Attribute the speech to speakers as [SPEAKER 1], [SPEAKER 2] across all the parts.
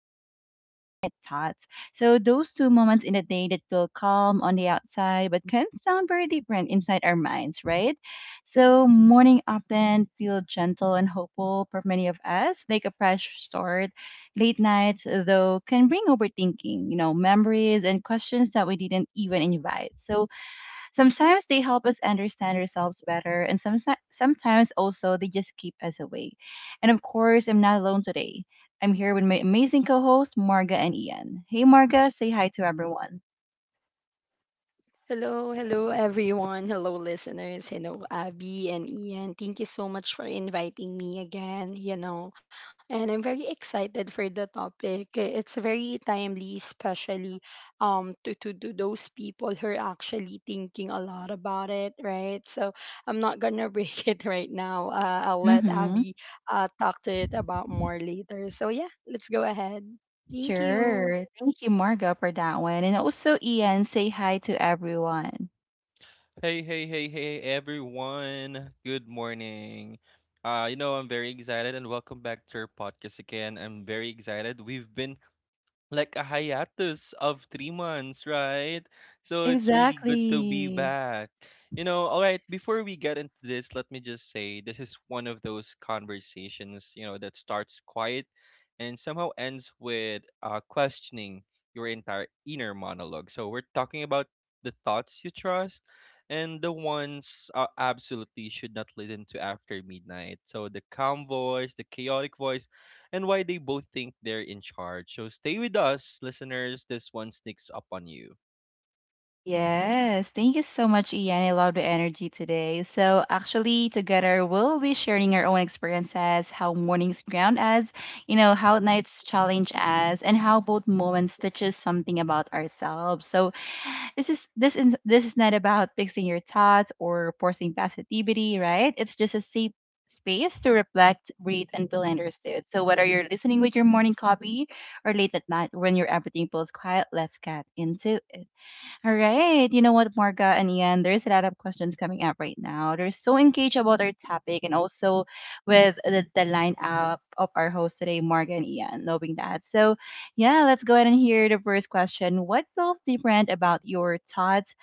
[SPEAKER 1] night late night thoughts. So those two moments in the day that feel calm on the outside but can sound very different inside our minds, right? So morning often feel gentle and hopeful for many of us, like a fresh start. Late nights, though, can bring overthinking, you know, memories and questions that we didn't even invite. So sometimes they help us understand ourselves better, and sometimes also they just keep us awake. And of course, I'm not alone today. I'm here with my amazing co hosts, Marga and Ian. Hey, Marga, say hi to everyone.
[SPEAKER 2] Hello, hello everyone. Hello listeners. Hello Abby and Ian. Thank you so much for inviting me again, And I'm very excited for the topic. It's very timely especially to those people who are actually thinking a lot about it, right? So I'm not going to break it right now. I'll let
[SPEAKER 1] Mm-hmm.
[SPEAKER 2] Abby talk to it about more later. So yeah, let's go ahead. Thank
[SPEAKER 1] Sure.
[SPEAKER 2] you.
[SPEAKER 1] Thank you, Marga, for that one. And also, Ian, say hi to everyone.
[SPEAKER 3] Hey, hey, hey, hey, everyone. Good morning. I'm very excited and welcome back to our podcast again. I'm very excited. We've been like a hiatus of 3 months, right? So it's really good to be
[SPEAKER 1] Exactly.
[SPEAKER 3] back. Before we get into this, let me just say this is one of those conversations, you know, that starts quiet and somehow ends with questioning your entire inner monologue. So we're talking about the thoughts you trust and the ones absolutely should not listen to after midnight. So the calm voice, the chaotic voice, and why they both think they're in charge. So stay with us, listeners. This one sneaks up on you.
[SPEAKER 1] Yes, thank you so much, Ian. I love the energy today. So, actually, together we'll be sharing our own experiences, how mornings ground us, you know, how nights challenge us, and how both moments teach us something about ourselves. So, this is not about fixing your thoughts or forcing positivity, right? It's just a safe space to reflect, breathe, and feel understood. So, whether you're listening with your morning coffee or late at night when your everything feels quiet, let's get into it. All right. You know what, Marga and Ian, there's a lot of questions coming up right now. They're so engaged about our topic and also with the lineup of our hosts today, Marga and Ian, knowing that. So, yeah, let's go ahead and hear the first question. What feels different about your thoughts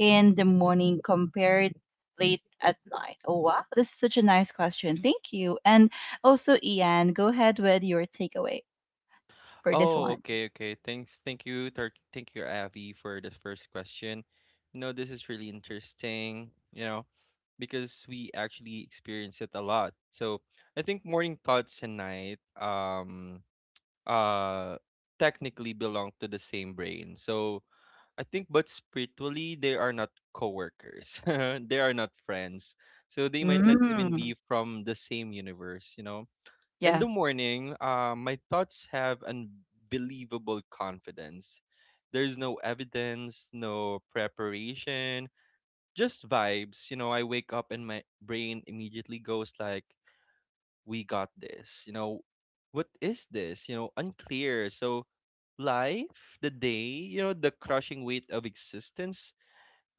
[SPEAKER 1] in the morning compared late at night? Oh, wow. This is such a nice question. Thank you. And also, Ian, go ahead with your takeaway for this
[SPEAKER 3] Oh,
[SPEAKER 1] one.
[SPEAKER 3] okay, okay. Thanks, thank you, Avi, for the first question. You know, this is really interesting. You know, because we actually experience it a lot. So I think morning thoughts and night, uh, technically belong to the same brain. So I think, but spiritually, they are not coworkers. They are not friends. So they might not even
[SPEAKER 1] Mm,
[SPEAKER 3] be from the same universe, you know. In
[SPEAKER 1] yeah.
[SPEAKER 3] the morning, my thoughts have unbelievable confidence. There's no evidence, no preparation, just vibes. You know, I wake up and my brain immediately goes like, "We got this." You know, what is this? You know, unclear. So life, the day, you know, the crushing weight of existence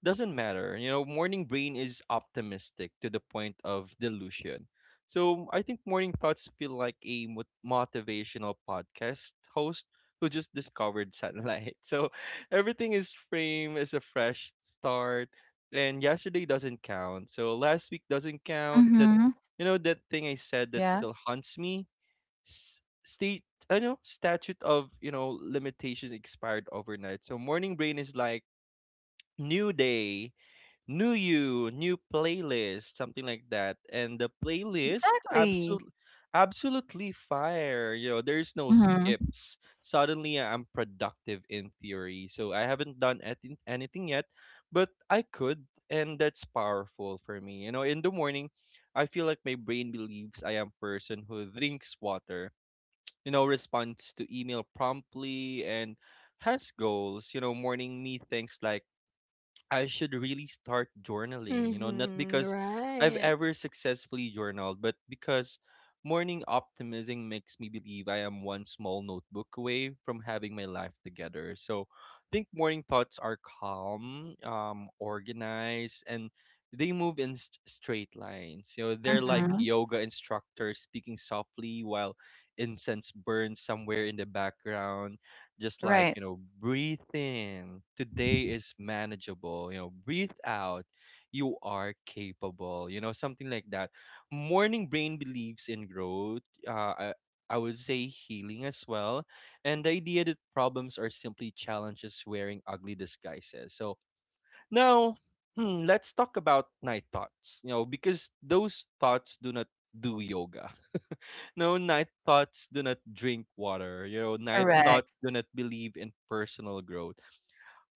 [SPEAKER 3] doesn't matter. You know, morning brain is optimistic to the point of delusion. So I think morning thoughts feel like a motivational podcast host who just discovered sunlight. So everything is framed as a fresh start, and yesterday doesn't count. So last week doesn't count. That,
[SPEAKER 1] Mm-hmm.
[SPEAKER 3] you know, that thing I said that
[SPEAKER 1] Yeah.
[SPEAKER 3] still haunts me. S- state I know statute of, you know, limitations expired overnight. So morning brain is like new day, new you, new playlist, something like that. And the playlist
[SPEAKER 1] Exactly.
[SPEAKER 3] absolutely fire. You know, there's no
[SPEAKER 1] Mhm,
[SPEAKER 3] skips. Suddenly I'm productive in theory. So I haven't done anything yet, but I could, and that's powerful for me. You know, in the morning, I feel like my brain believes I am person who drinks water, you know, responds to email promptly and has goals. You know, morning me thinks like I should really start journaling, you know, not because
[SPEAKER 2] Mhm.
[SPEAKER 3] I've ever
[SPEAKER 2] Right.
[SPEAKER 3] successfully journaled, but because morning optimism makes me believe I am one small notebook away from having my life together. So I think morning thoughts are calm, organized, and they move in straight lines. You know, they're like
[SPEAKER 1] mhm.
[SPEAKER 3] yoga instructors speaking softly while incense burns somewhere in the background, just like,
[SPEAKER 1] Right,
[SPEAKER 3] you know, breathe in, today is manageable, you know, breathe out, you are capable, you know, something like that. Morning brain believes in growth, I would say healing as well, and the idea that problems are simply challenges wearing ugly disguises. So now, hmm, let's talk about night thoughts. You know, because those thoughts do not do yoga. No, night thoughts do not drink water. You know, night
[SPEAKER 1] correct.
[SPEAKER 3] thoughts do not believe in personal growth.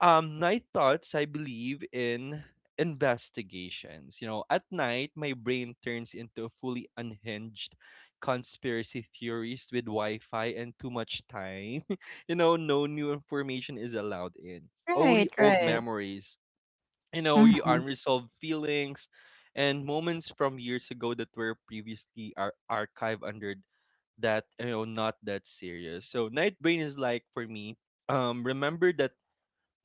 [SPEAKER 3] Night thoughts, I believe in investigations. You know, at night, my brain turns into a fully unhinged conspiracy theories with Wi-Fi and too much time. You know, no new information is allowed in.
[SPEAKER 1] Right,
[SPEAKER 3] Only old
[SPEAKER 1] right.
[SPEAKER 3] memories. You know, your
[SPEAKER 1] Mhm,
[SPEAKER 3] unresolved feelings and moments from years ago that were previously archived under that, you know, not that serious. So night brain is like, for me, remember that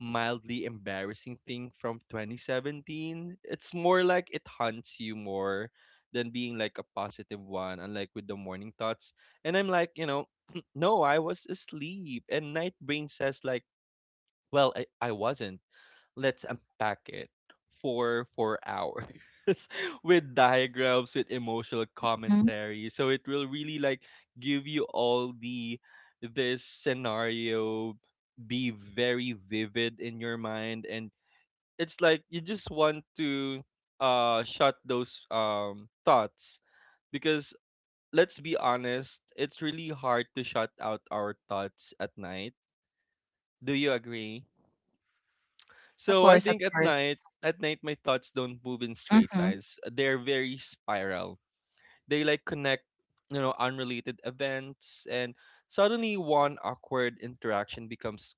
[SPEAKER 3] mildly embarrassing thing from 2017? It's more like it haunts you more than being like a positive one, unlike with the morning thoughts. And I'm like, you know, no, I was asleep. And night brain says like, well, I wasn't, let's unpack it for 4 hours with diagrams, with emotional
[SPEAKER 1] mhm.
[SPEAKER 3] commentary. So it will really like give you all the this scenario, be very vivid in your mind, and it's like you just want to shut those thoughts, because let's be honest, it's really hard to shut out our thoughts at night. Do you agree?
[SPEAKER 1] Of
[SPEAKER 3] So I
[SPEAKER 1] course, of
[SPEAKER 3] think
[SPEAKER 1] course.
[SPEAKER 3] at night my thoughts don't move in straight
[SPEAKER 1] Mhm,
[SPEAKER 3] lines. They're very spiral. They like connect, you know, unrelated events, and suddenly one awkward interaction becomes,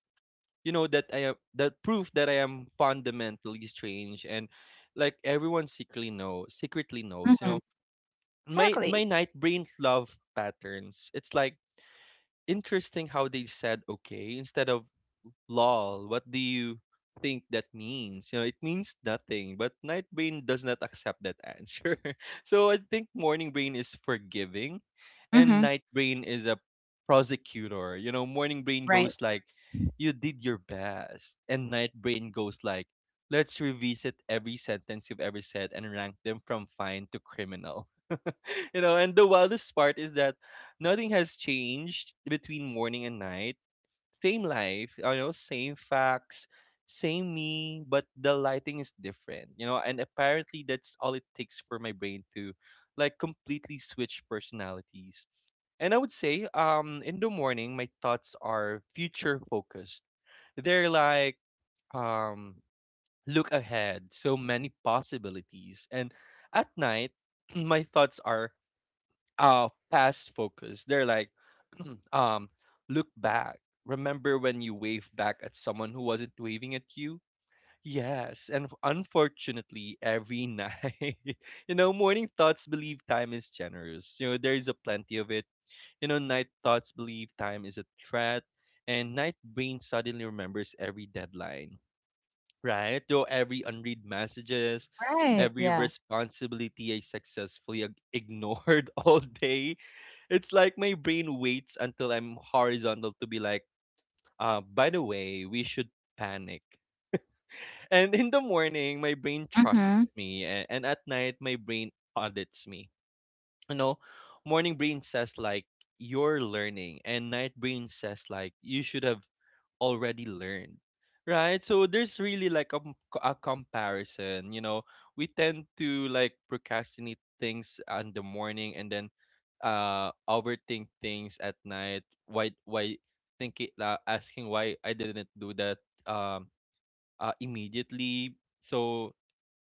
[SPEAKER 3] you know, that I am that proof that I am fundamentally strange and like everyone secretly knows, you
[SPEAKER 1] mhm.
[SPEAKER 3] know. My
[SPEAKER 1] Exactly.
[SPEAKER 3] my night brain love patterns. It's like interesting how they said okay instead of lol. What do you think that means? You know, it means nothing, but night brain does not accept that answer. So I think morning brain is forgiving and
[SPEAKER 1] Mhm.
[SPEAKER 3] night brain is a prosecutor. You know, morning brain
[SPEAKER 1] Right,
[SPEAKER 3] goes like, you did your best. And night brain goes like, let's revisit every sentence you've ever said and rank them from fine to criminal. You know, and the wildest part is that nothing has changed between morning and night. Same life, you know, same facts, same me, but the lighting is different, you know, and apparently that's all it takes for my brain to like completely switch personalities. And I would say, in the morning, my thoughts are future focused. They're like, um, look ahead, so many possibilities. And at night, my thoughts are past focus. They're like um look back. Remember when you waved back at someone who wasn't waving at you? Yes, and unfortunately every night. You know, morning thoughts believe time is generous. You know, there is a plenty of it. You know, night thoughts believe time is a threat, and night brain suddenly remembers every deadline, right? So every unread messages,
[SPEAKER 1] right,
[SPEAKER 3] every
[SPEAKER 1] yeah.
[SPEAKER 3] responsibility I successfully ignored all day, it's like my brain waits until I'm horizontal to be like, by the way, we should panic. And in the morning, my brain
[SPEAKER 1] Mhm,
[SPEAKER 3] trusts me, and, at night, my brain audits me. You know, morning brain says like you're learning, and night brain says like you should have already learned, right? So there's really like a, a comparison. You know, we tend to like procrastinate things on the morning, and then overthink things at night. Why thinking? Asking why I didn't do that um immediately. So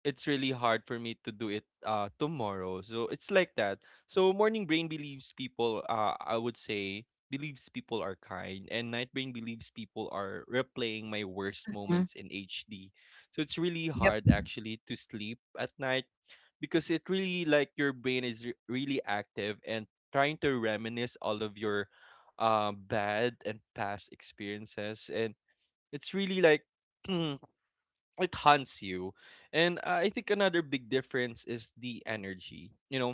[SPEAKER 3] it's really hard for me to do it tomorrow. So it's like that. So morning brain believes people, I would say, believes people are kind, and night brain believes people are replaying my worst
[SPEAKER 1] mhm.
[SPEAKER 3] moments in HD. So it's really
[SPEAKER 1] Yep.
[SPEAKER 3] hard actually to sleep at night, because it really like your brain is really active and trying to reminisce all of your bad and past experiences, and it's really like it haunts you. And I think another big difference is the energy. You know,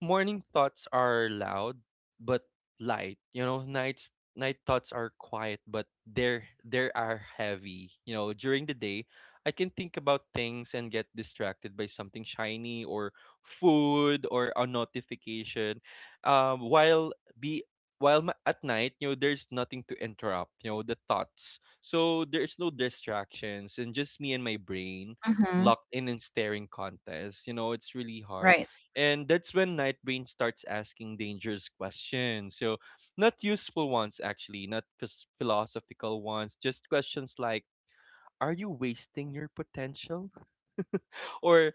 [SPEAKER 3] morning thoughts are loud but light. You know, night thoughts are quiet, but they are heavy. You know, during the day I can think about things and get distracted by something shiny or food or a notification. While be while ma- At night, you know, there's nothing to interrupt, you know, the thoughts. So there's no distractions, and just me and my brain
[SPEAKER 1] Mhm.
[SPEAKER 3] locked in and staring contest. You know, it's really hard,
[SPEAKER 1] Right.
[SPEAKER 3] and that's when Nightbrain starts asking dangerous questions. So, not useful ones, actually, not philosophical ones, just questions like, are you wasting your potential? Or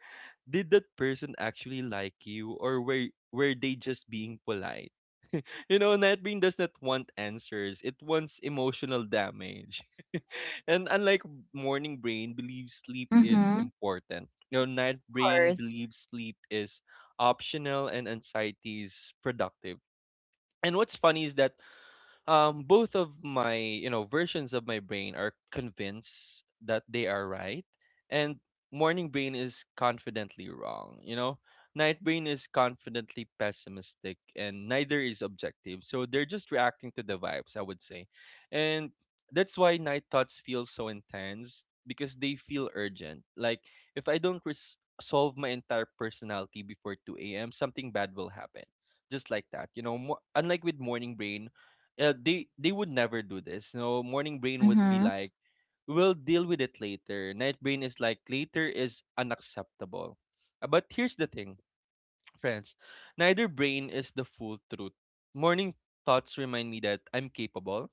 [SPEAKER 3] did that person actually like you? Or were they just being polite? You know, Nightbrain does not want answers, it wants emotional damage. And unlike morning brain believes sleep is
[SPEAKER 1] Mhm. Of
[SPEAKER 3] important. You know, night brain
[SPEAKER 1] course.
[SPEAKER 3] believes sleep is optional and anxiety is productive. And what's funny is that both of my, you know, versions of my brain are convinced that they are right, and morning brain is confidently wrong, you know, night brain is confidently pessimistic, and neither is objective, so they're just reacting to the vibes, I would say. And that's why night thoughts feel so intense, because they feel urgent, like if I don't solve my entire personality before 2 a.m. something bad will happen, just like that, you know. Unlike with morning brain, they would never do this. You know, morning brain would be
[SPEAKER 1] Mhm.
[SPEAKER 3] like, we'll deal with it later. Night brain is like, later is unacceptable. But here's the thing. Friends, neither brain is the full truth. Morning thoughts remind me that I'm capable,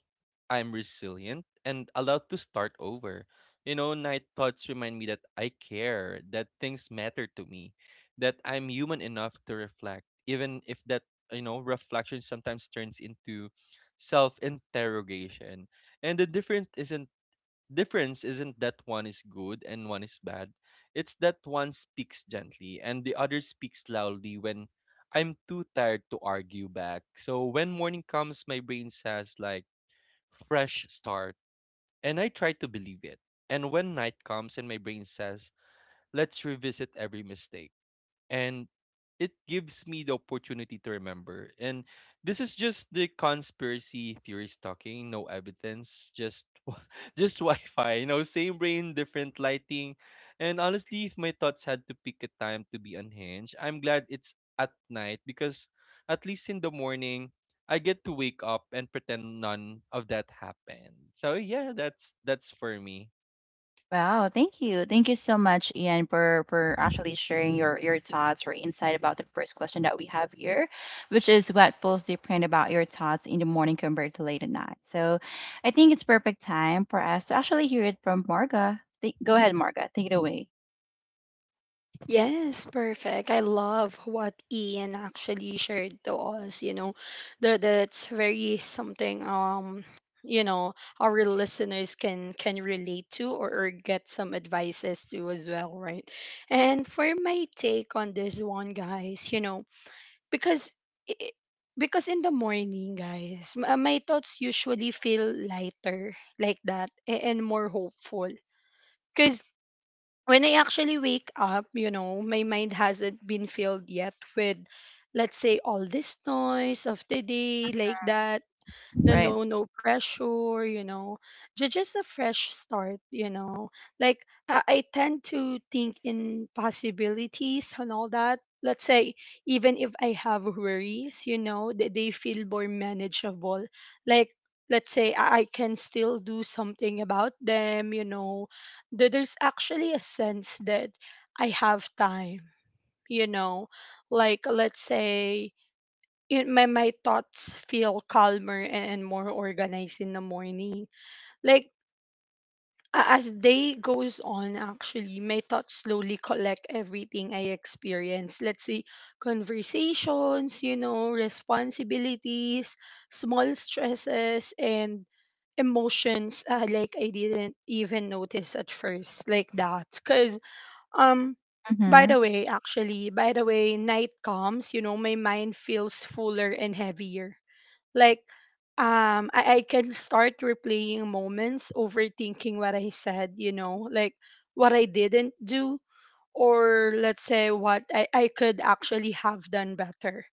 [SPEAKER 3] I'm resilient, and allowed to start over. You know, night thoughts remind me that I care, that things matter to me, that I'm human enough to reflect, even if that, you know, reflection sometimes turns into self interrogation. And the difference isn't that one is good and one is bad. It's that one speaks gently and the other speaks loudly when I'm too tired to argue back. So when morning comes, my brain says like fresh start, and I try to believe it. And when night comes and my brain says, let's revisit every mistake. And it gives me the opportunity to remember. And this is just the conspiracy theories talking, no evidence, just Wi-Fi, you know, same brain, different lighting. And honestly, if my thoughts had to pick a time to be unhinged, I'm glad it's at night because at least in the morning, I get to wake up and pretend none of that happened. So yeah, that's for me.
[SPEAKER 1] Wow, thank you. Thank you so much, Ian, for actually sharing your thoughts or insight about the first question that we have here, which is what feels different about your thoughts in the morning compared to late at night. So I think it's perfect time for us to actually hear it from Marga. Go ahead, Marga. Take it away.
[SPEAKER 2] Yes, perfect. I love what Ian actually shared to us, That's very something you know our listeners can relate to or get some advices to as well, right? And for my take on this one, guys, you know, because i- in the morning, guys, my thoughts usually feel lighter like that and more hopeful when I actually wake up, you know, my mind hasn't been filled yet with, let's say, all this noise of the day like that, no
[SPEAKER 1] Right.
[SPEAKER 2] no no pressure, you know. Just a fresh start, you know, like I tend to think in possibilities and all that. Let's say even if I have worries, you know they feel more manageable, like let's say I can still do something about them, you know. There's actually a sense that I have time, you know, like let's say it, my thoughts feel calmer and more organized in the morning. Like as day goes on, actually, my thoughts slowly collect everything I experience. Let's say conversations, you know, responsibilities, small stresses, and emotions, like I didn't even notice at first, like that. Cause um
[SPEAKER 1] Mm-hmm.
[SPEAKER 2] by the way, night comes, you know, my mind feels fuller and heavier, like, I can start replaying moments, overthinking what I said, you know, like what I didn't do, or let's say what I could actually have done better.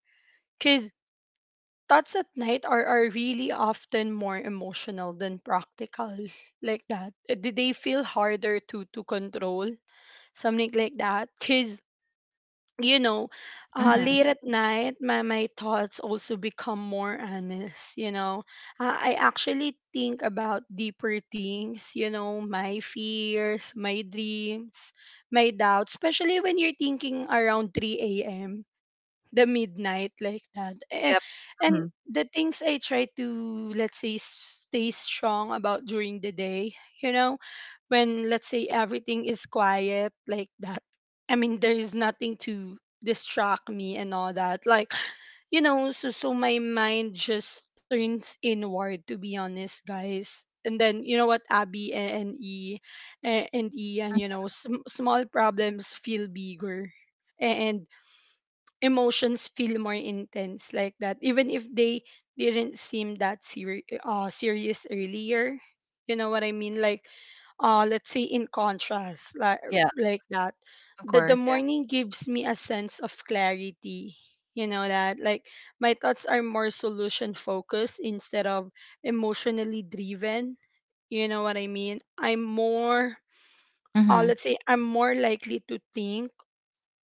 [SPEAKER 2] Because thoughts at night are really often more emotional than practical, like that. They they feel harder to control, something like that. Because you know,
[SPEAKER 1] Mm-hmm.
[SPEAKER 2] late at night, my thoughts also become more honest, you know. I actually think about deeper things, you know, my fears, my dreams, my doubts, especially when you're thinking around 3 a.m., the midnight, like that. Eh,
[SPEAKER 1] Yep.
[SPEAKER 2] and
[SPEAKER 1] Mm-hmm.
[SPEAKER 2] the things I try to, let's say, stay strong about during the day, you know, when let's say everything is quiet like that, I mean there is nothing to distract me and all that, like, you know, so so my mind just turns inward to be honest, guys, and then you know what, Abby and Ian, you know, small problems feel bigger. And emotions feel more intense like that, even if they didn't seem that serious earlier, you know what I mean, like let's say in contrast,
[SPEAKER 1] Yeah,
[SPEAKER 2] like that,
[SPEAKER 1] of
[SPEAKER 2] the
[SPEAKER 1] course. Yeah.
[SPEAKER 2] morning gives me a sense of clarity, you know, that like my thoughts are more solution focused instead of emotionally driven, you know what I mean, I'm more
[SPEAKER 1] Mm-hmm.
[SPEAKER 2] let's say I'm more likely to think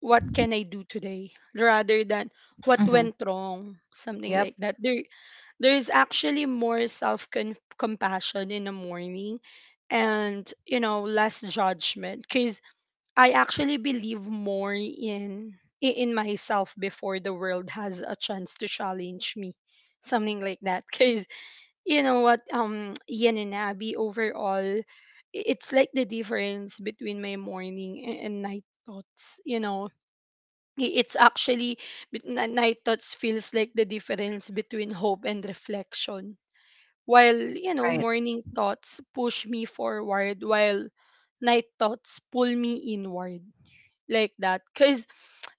[SPEAKER 2] what can I do today rather than what
[SPEAKER 1] Mm-hmm.
[SPEAKER 2] went wrong, something
[SPEAKER 1] Yep.
[SPEAKER 2] like that. There is actually more self compassion in the morning and, you know, less judgment because I actually believe more in in myself before the world has a chance to challenge me, something like that. Because you know what, Ian and Abby, overall, it's like the difference between my morning and night thoughts, you know, it's actually night thoughts feels like the difference between hope and reflection, while you know
[SPEAKER 1] Right.
[SPEAKER 2] morning thoughts push me forward, while night thoughts pull me inward like that. Because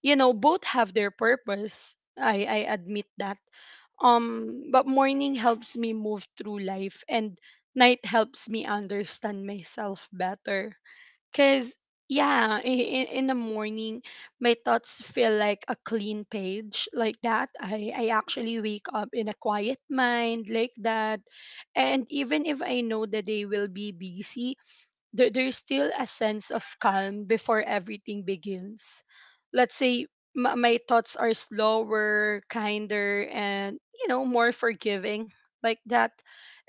[SPEAKER 2] you know both have their purpose, I admit that, but morning helps me move through life and night helps me understand myself better. Cause yeah, in the morning, my thoughts feel like a clean page, like that. I actually wake up in a quiet mind, like that. And even if I know the day will be busy, there, there's still a sense of calm before everything begins. Let's say my, my thoughts are slower, kinder, and you know, more forgiving, like that.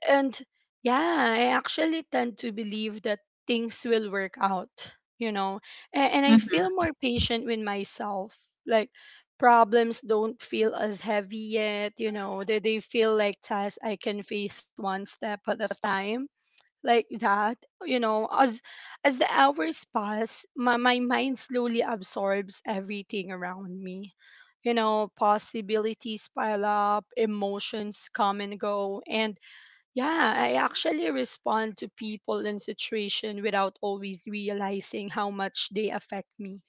[SPEAKER 2] And yeah, I actually tend to believe that things will work out, you know, and I feel more patient with myself. Like, problems don't feel as heavy yet, you know, they feel like tasks I can face one step at a time, like that, you know, as the hours pass my, my mind slowly absorbs everything around me, you know, possibilities pile up, emotions come and go, and yeah, I actually respond to people and situation without always realizing how much they affect me,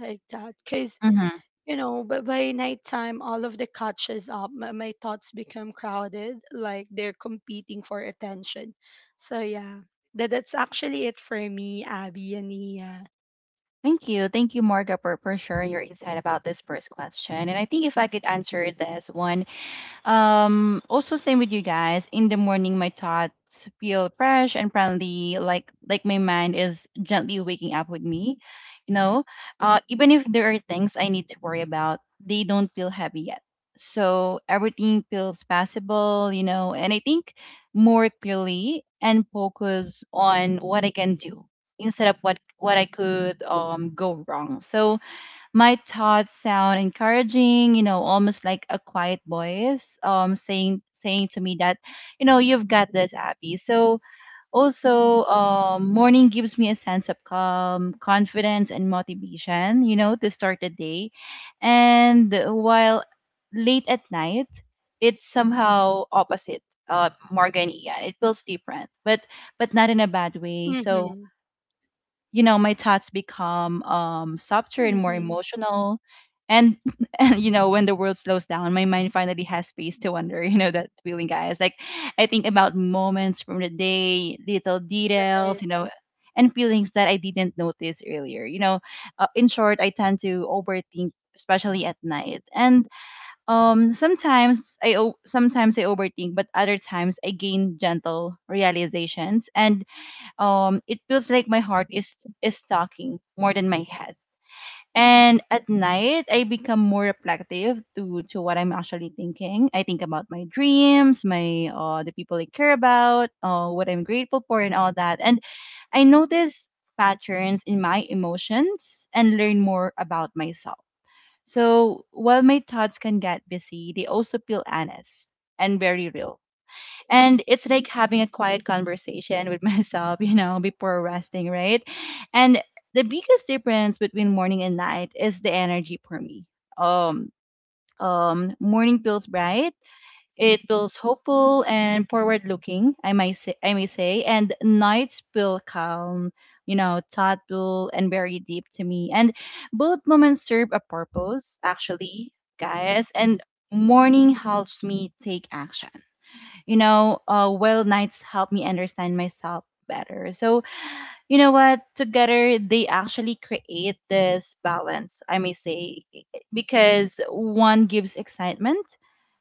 [SPEAKER 2] like that. Cause
[SPEAKER 1] Mm-hmm.
[SPEAKER 2] you know, but by nighttime, all of the catches up, my thoughts become crowded, like they're competing for attention. So yeah, that that's actually it for me, Abby and Nia.
[SPEAKER 1] Thank you. Thank you, Morga, for sharing your insight about this first question. And I think if I could answer this one, also same with you guys. In the morning, my thoughts feel fresh and friendly, like my mind is gently waking up with me. You know, even if there are things I need to worry about, they don't feel heavy yet. So everything feels possible, you know, and I think more clearly and focus on what I can do instead of what I could go wrong. So my thoughts sound encouraging, you know, almost like a quiet voice saying to me that, you know, you've got this, Abby. So also morning gives me a sense of calm, confidence and motivation, you know, to start the day. And while late at night, it's somehow opposite. Morgan, yeah, it feels different, but not in a bad way. So
[SPEAKER 2] Mm-hmm.
[SPEAKER 1] you know my thoughts become softer and more
[SPEAKER 2] Mm-hmm.
[SPEAKER 1] emotional and and you know when the world slows down my mind finally has space to wonder you know that feeling guys like I think about moments from the day little details you
[SPEAKER 2] Right.
[SPEAKER 1] know and feelings that I didn't notice earlier you know in short I tend to overthink especially at night and sometimes I overthink but other times I gain gentle realizations and it feels like my heart is talking more than my head and at night I become more reflective to what I'm actually thinking I think about my dreams my the people I care about what I'm grateful for and all that and I notice patterns in my emotions and learn more about myself so while my thoughts can get busy they also feel honest and very real and it's like having a quiet conversation with myself, you know, before resting, right? And the biggest difference between morning and night is the energy for me. Um, Morning feels bright, it feels hopeful and forward-looking, I might say, I may say, and nights feel calm, you know, thoughtful and very deep to me. And both moments serve a purpose, actually, guys. And morning helps me take action you know, well nights help me understand myself better. So, you know what? Together, they actually create this balance, I may say, because one gives excitement,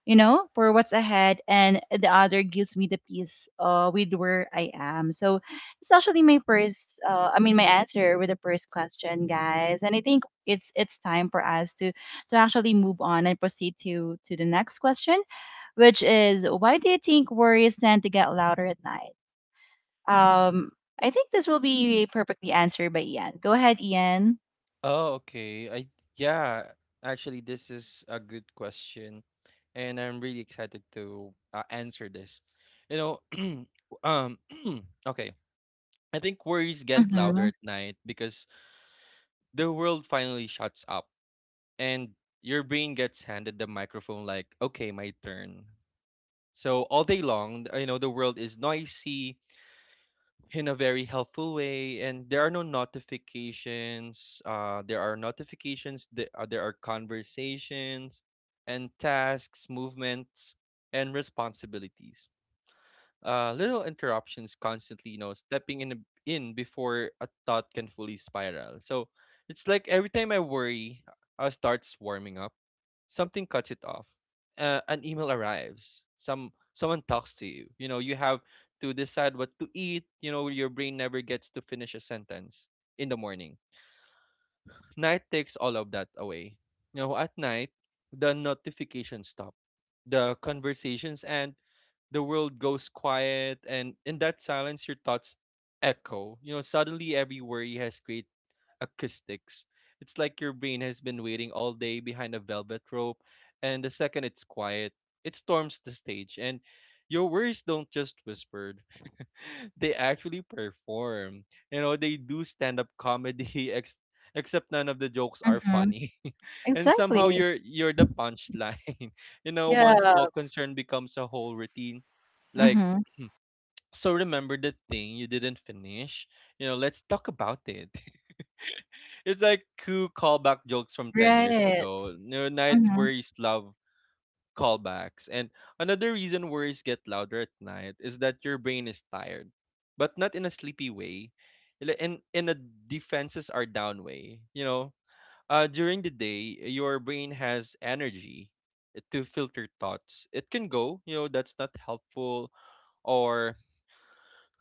[SPEAKER 1] you know, for what's ahead, and the other gives me the peace with where I am. So, it's actually my first, I mean, my answer with the first question, guys. And I think it's time for us to actually move on and proceed to the next question which is why do you think worries tend to get louder at night? Um, I think this will be perfectly answered by Ian. Go ahead, Ian.
[SPEAKER 3] Oh, okay. I yeah, actually this is a good question, and I'm really excited to answer this. You know, um okay. I think worries get louder
[SPEAKER 1] Mm-hmm.
[SPEAKER 3] at night because the world finally shuts up, and your brain gets handed the microphone like, okay, my turn. So all day long, you know, the world is noisy in a very helpful way, and there are no notifications, there are notifications, there are conversations and tasks, movements, and responsibilities, little interruptions constantly, you know, stepping in before a thought can fully spiral. So it's like every time I worry starts warming up, something cuts it off. An email arrives. Someone talks to you. You know, you have to decide what to eat. You know, your brain never gets to finish a sentence in the morning. Night takes all of that away. You know, at night, the notifications stop, the conversations end, the world goes quiet, and in that silence your thoughts echo. You know, suddenly every worry has great acoustics. It's like your brain has been waiting all day behind a velvet rope, and the second it's quiet, it storms the stage, and your worries don't just whisper, they actually perform. You know, they do stand up comedy, except none of the jokes are
[SPEAKER 1] Mm-hmm.
[SPEAKER 3] funny. And somehow
[SPEAKER 1] Exactly.
[SPEAKER 3] you're the punchline. You know, one small
[SPEAKER 1] Yeah.
[SPEAKER 3] concern becomes a whole routine. Like
[SPEAKER 1] Mm-hmm.
[SPEAKER 3] so remember the thing you didn't finish? You know, let's talk about it. It's like two callback jokes from 10 years
[SPEAKER 1] Right.
[SPEAKER 3] ago. You know, night
[SPEAKER 1] Mm-hmm.
[SPEAKER 3] worries love callbacks. And another reason worries get louder at night is that your brain is tired, but not in a sleepy way, in a defenses are down way. You know, during the day, your brain has energy to filter thoughts. It can go, you know, that's not helpful, or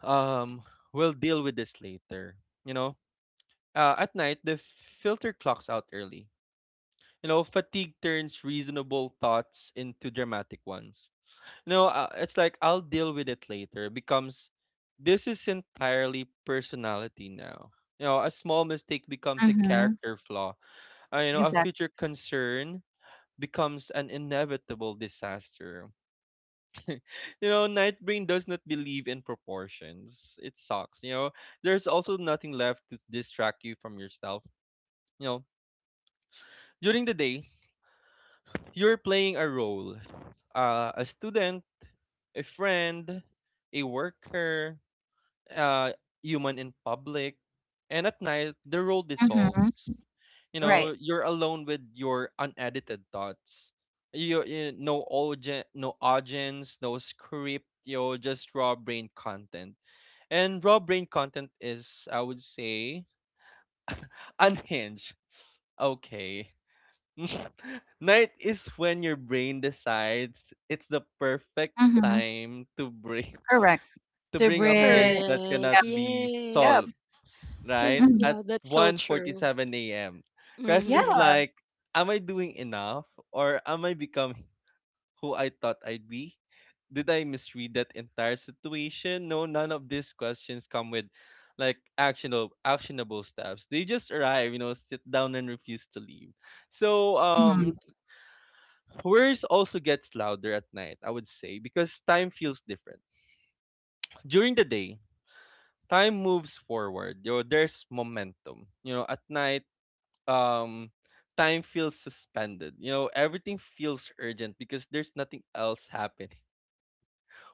[SPEAKER 3] um, we'll deal with this later. You know, at night the filter clocks out early. You know, fatigue turns reasonable thoughts into dramatic ones. No, it's like I'll deal with it later becomes this is entirely personality now. You know, a small mistake becomes a
[SPEAKER 1] Mm-hmm.
[SPEAKER 3] character flaw. You know, a
[SPEAKER 1] Exactly.
[SPEAKER 3] future concern becomes an inevitable disaster. You know, Nightbrain does not believe in proportions. It sucks. You know, there's also nothing left to distract you from yourself. You know, during the day, you're playing a role, a student, a friend, a worker, uh, human in public, and at night the role
[SPEAKER 1] Mm-hmm.
[SPEAKER 3] dissolves. You know,
[SPEAKER 1] Right.
[SPEAKER 3] you're alone with your unedited thoughts. You, no audience, no audience, no script. You know, just raw brain content, and raw brain content is, I would say, unhinged. Okay. Night is when your brain decides it's the perfect
[SPEAKER 1] Mm-hmm.
[SPEAKER 3] time to bring
[SPEAKER 1] Correct.
[SPEAKER 3] to
[SPEAKER 1] To
[SPEAKER 3] bring up things
[SPEAKER 1] breathe.
[SPEAKER 3] that cannot
[SPEAKER 2] Correct.
[SPEAKER 1] Yep.
[SPEAKER 3] be
[SPEAKER 1] Yep.
[SPEAKER 3] solved,
[SPEAKER 2] Yes.
[SPEAKER 3] right?
[SPEAKER 2] Because
[SPEAKER 1] Mm-hmm.
[SPEAKER 3] At
[SPEAKER 2] yeah, that's so
[SPEAKER 3] one
[SPEAKER 2] true.
[SPEAKER 3] forty-seven AM.
[SPEAKER 1] Yeah.
[SPEAKER 3] Questions
[SPEAKER 2] Mm-hmm.
[SPEAKER 3] like, am I doing enough? Or am I becoming who I thought I'd be? Did I misread that entire situation? No, none of these questions come with like actionable steps. They just arrive, you know, sit down and refuse to leave. So
[SPEAKER 1] Mm-hmm.
[SPEAKER 3] worries also gets louder at night, I would say, because time feels different. During the day, time moves forward. You know, there's momentum. You know, at night um time feels suspended. You know, everything feels urgent because there's nothing else happening.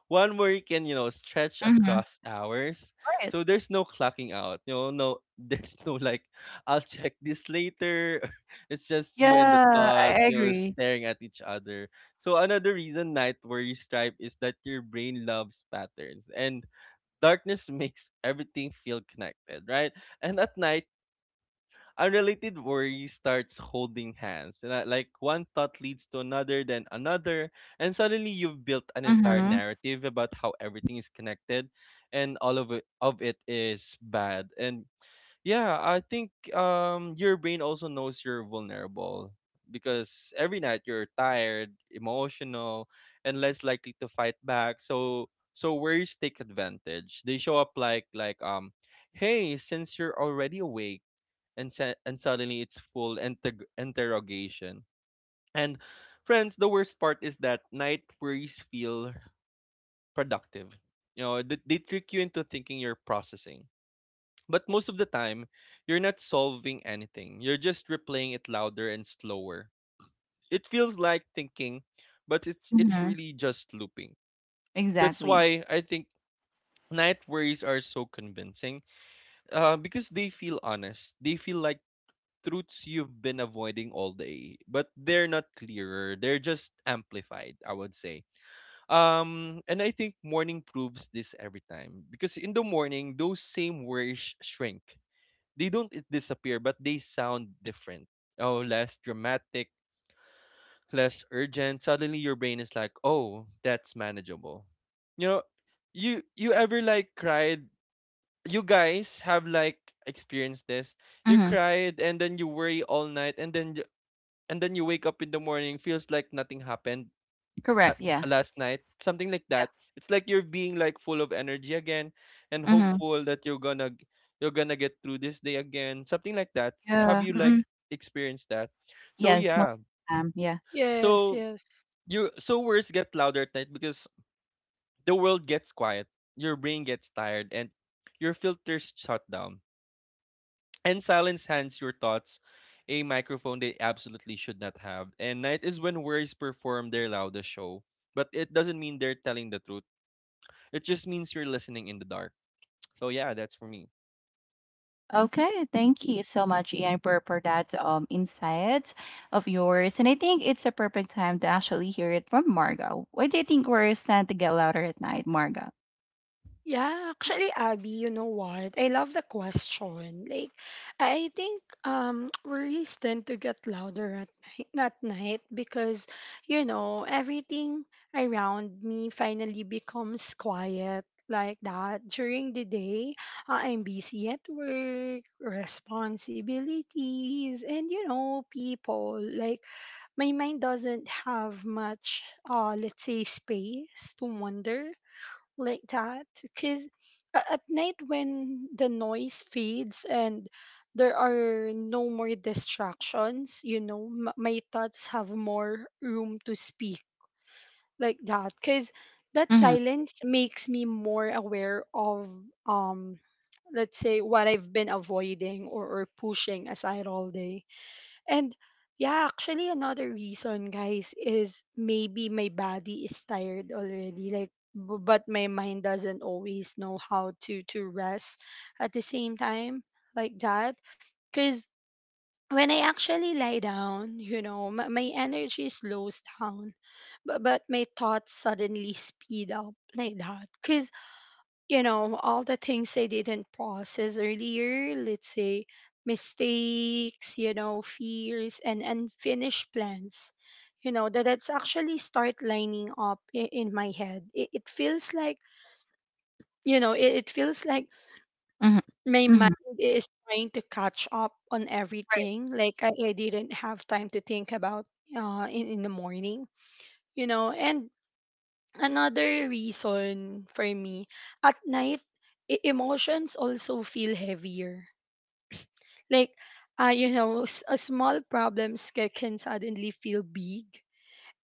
[SPEAKER 3] One where you can, you know, stretch
[SPEAKER 1] Mm-hmm.
[SPEAKER 3] across hours.
[SPEAKER 1] Right.
[SPEAKER 3] So there's no clocking out. You know, no there's no like I'll check this later. It's just you and the
[SPEAKER 1] Yeah. I
[SPEAKER 3] thought,
[SPEAKER 1] I
[SPEAKER 3] you know,
[SPEAKER 1] agree.
[SPEAKER 3] staring at each other. So another reason night worries stripe is that your brain loves patterns and darkness makes everything feel connected, right? And at night unrelated worry starts holding hands. Like one thought leads to another, then another, and suddenly you've built an entire
[SPEAKER 1] Mm-hmm.
[SPEAKER 3] narrative about how everything is connected, and all of it is bad. And yeah, I think your brain also knows you're vulnerable because every night you're tired, emotional, and less likely to fight back. So so worries take advantage. They show up like like, hey, since you're already awake, and suddenly it's full interrogation. And friends, the worst part is that night worries feel productive. You know, they trick you into thinking you're processing. But most of the time, you're not solving anything. You're just replaying it louder and slower. It feels like thinking, but it's
[SPEAKER 1] Mm-hmm.
[SPEAKER 3] really just looping. That's
[SPEAKER 1] Exactly.
[SPEAKER 3] why I think night worries are so convincing, because they feel honest. They feel like truths you've been avoiding all day, but they're not clearer. They're just amplified, I would say. And I think morning proves this every time because in the morning, those same worries shrink. They don't disappear, but they sound different. Oh, less dramatic, less urgent. Suddenly, your brain is like, "Oh, that's manageable." You know, you ever like cried? You guys have like experienced this, you
[SPEAKER 1] Mm-hmm.
[SPEAKER 3] cried and then you worry all night, and then you wake up in the morning, feels like nothing happened, uh,
[SPEAKER 1] Correct. Yeah.
[SPEAKER 3] last night, something like that. It's like you're being like full of energy again and
[SPEAKER 1] Yeah. Mm-hmm.
[SPEAKER 3] hopeful that you're gonna you're gonna get through this day again, something like that. Have
[SPEAKER 1] Yeah,
[SPEAKER 3] you like
[SPEAKER 1] mm-mm.
[SPEAKER 3] experienced that? So
[SPEAKER 1] Yes, most
[SPEAKER 3] yeah.
[SPEAKER 1] of them, yeah.
[SPEAKER 2] Yes,
[SPEAKER 3] So
[SPEAKER 2] yes.
[SPEAKER 3] you so words get louder at night because the world gets quiet, your brain gets tired, and your filters shut down. And silence hands your thoughts a microphone they absolutely should not have. And night is when words perform their loudest show. But it doesn't mean they're telling the truth. It just means you're listening in the dark. So yeah, that's for me.
[SPEAKER 1] Okay, thank you so much, Ian, for that insight of yours. And I think it's a perfect time to actually hear it from Margot. Why do you think we're starting to get louder at night, Margot?
[SPEAKER 2] Yeah, actually, Abby, you know what? I love the question. Like, I think worries tend to get louder at night because you know everything around me finally becomes quiet, like that. During the day, I'm busy at work, responsibilities, and you know people. Like, my mind doesn't have much, let's say, space to wander, like that, because at night when the noise fades and there are no more distractions, you know, my thoughts have more room to speak, like that, because that
[SPEAKER 1] Mm-hmm,
[SPEAKER 2] silence makes me more aware of, um let's say, what I've been avoiding or pushing aside all day. And yeah, actually another reason, guys, is maybe my body is tired already, like, but my mind doesn't always know how to rest at the same time, like that. Cuz when I actually lie down, you know, my energy slows down, but my thoughts suddenly speed up, like that. Because you know all the things I didn't process earlier, let's say, mistakes, you know, fears and unfinished plans, you know, that that's actually start lining up in my head, it feels like, you know, it feels like
[SPEAKER 1] mm-hmm,
[SPEAKER 2] my
[SPEAKER 1] mm-hmm.
[SPEAKER 2] mind is trying to catch up on
[SPEAKER 1] Right,
[SPEAKER 2] everything, like I didn't have time to think about in the morning, you know, and another reason for me, at night, emotions also feel heavier. Like, you know, a small problems can suddenly feel big.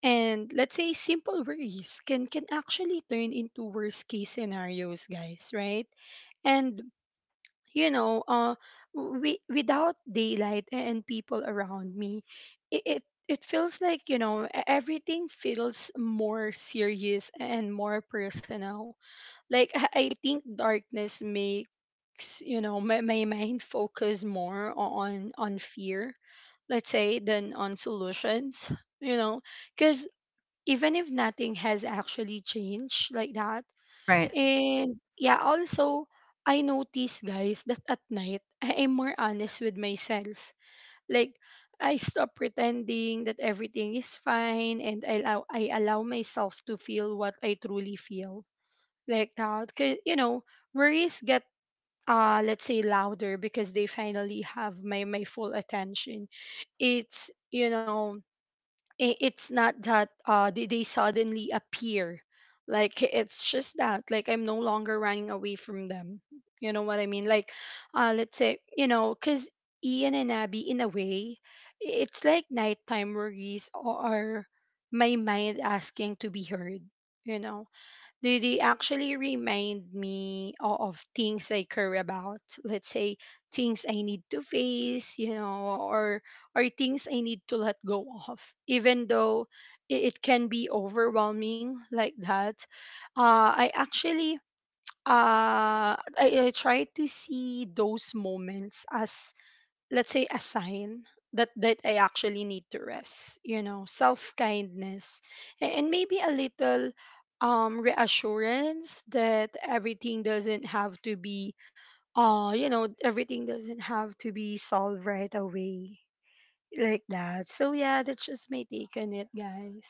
[SPEAKER 2] And let's say simple worries can actually turn into worst case scenarios, guys, right? And you know we, without daylight and people around me, it feels like, you know, everything feels more serious and more personal. Like I think darkness makes, you know, my mind focus more on fear, let's say, than on solutions, you know, because even if nothing has actually changed, like that.
[SPEAKER 1] right.
[SPEAKER 2] And yeah also I notice, guys, that at night I am more honest with myself, like I stop pretending that everything is fine and I allow myself to feel what I truly feel, like that. Cause you know, worries get let's say louder because they finally have my my full attention. It's, you know, I it's not that they suddenly appear. Like it's just that, like, I'm no longer running away from them. You know what I mean? Like let's say, you know, cuz Ian and Abby, in a way, it's like nighttime worries, or my mind asking to be heard, you know, do they actually remind me of things I care about? Let's say things I need to face, you know, or things I need to let go of, even though it can be overwhelming, like that. I actually I try to see those moments as, let's say, a sign that that I actually need to rest, you know, self-kindness, and maybe a little reassurance that everything doesn't have to be you know, everything doesn't have to be solved right away, like that. So yeah, that's just my take on it, guys.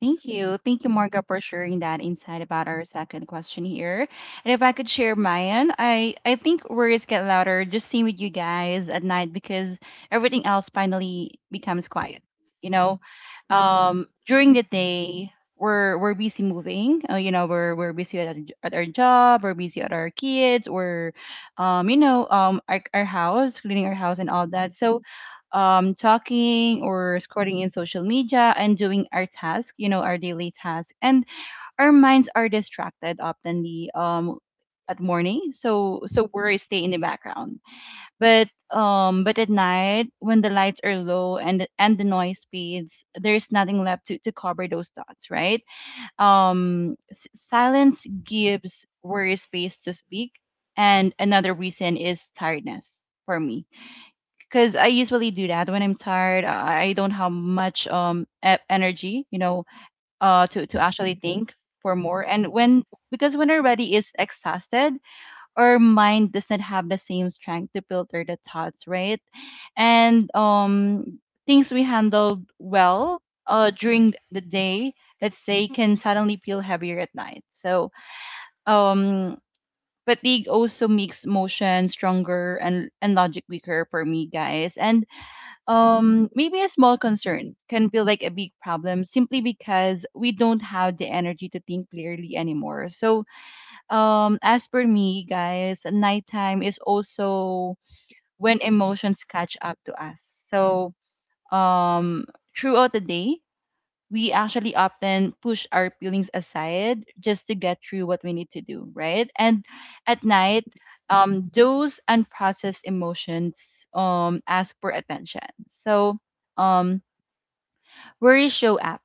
[SPEAKER 1] Thank you. Thank you, Marga, for sharing that insight about our second question here. And if I could share mine, I think words get louder just seeing with you guys at night because everything else finally becomes quiet. You know, during the day, we're busy moving. You know, we're busy at our, at our job, we're busy at our kids, or, our house, cleaning our house and all that. So, talking or scrolling in social media and doing our task, you know, our daily task. And our minds are distracted oftenly at morning, so so worries stay in the background. But at night, when the lights are low and the noise speeds, there's nothing left to cover those thoughts, right? Silence gives worry space to speak, and another reason is tiredness for me because I usually do that when I'm tired. I don't have much energy, you know, to actually think for more. And when because when our body is exhausted, our mind does not have the same strength to filter the thoughts, right? And things we handled well during the day, let's say, can suddenly feel heavier at night. So um. Fatigue also makes motion stronger and logic weaker for me, guys. And maybe a small concern can feel like a big problem simply because we don't have the energy to think clearly anymore so as per me guys nighttime is also when emotions catch up to us so um throughout the day we actually often push our feelings aside just to get through what we need to do, right? And at night, those unprocessed emotions ask for attention. So um, worries show up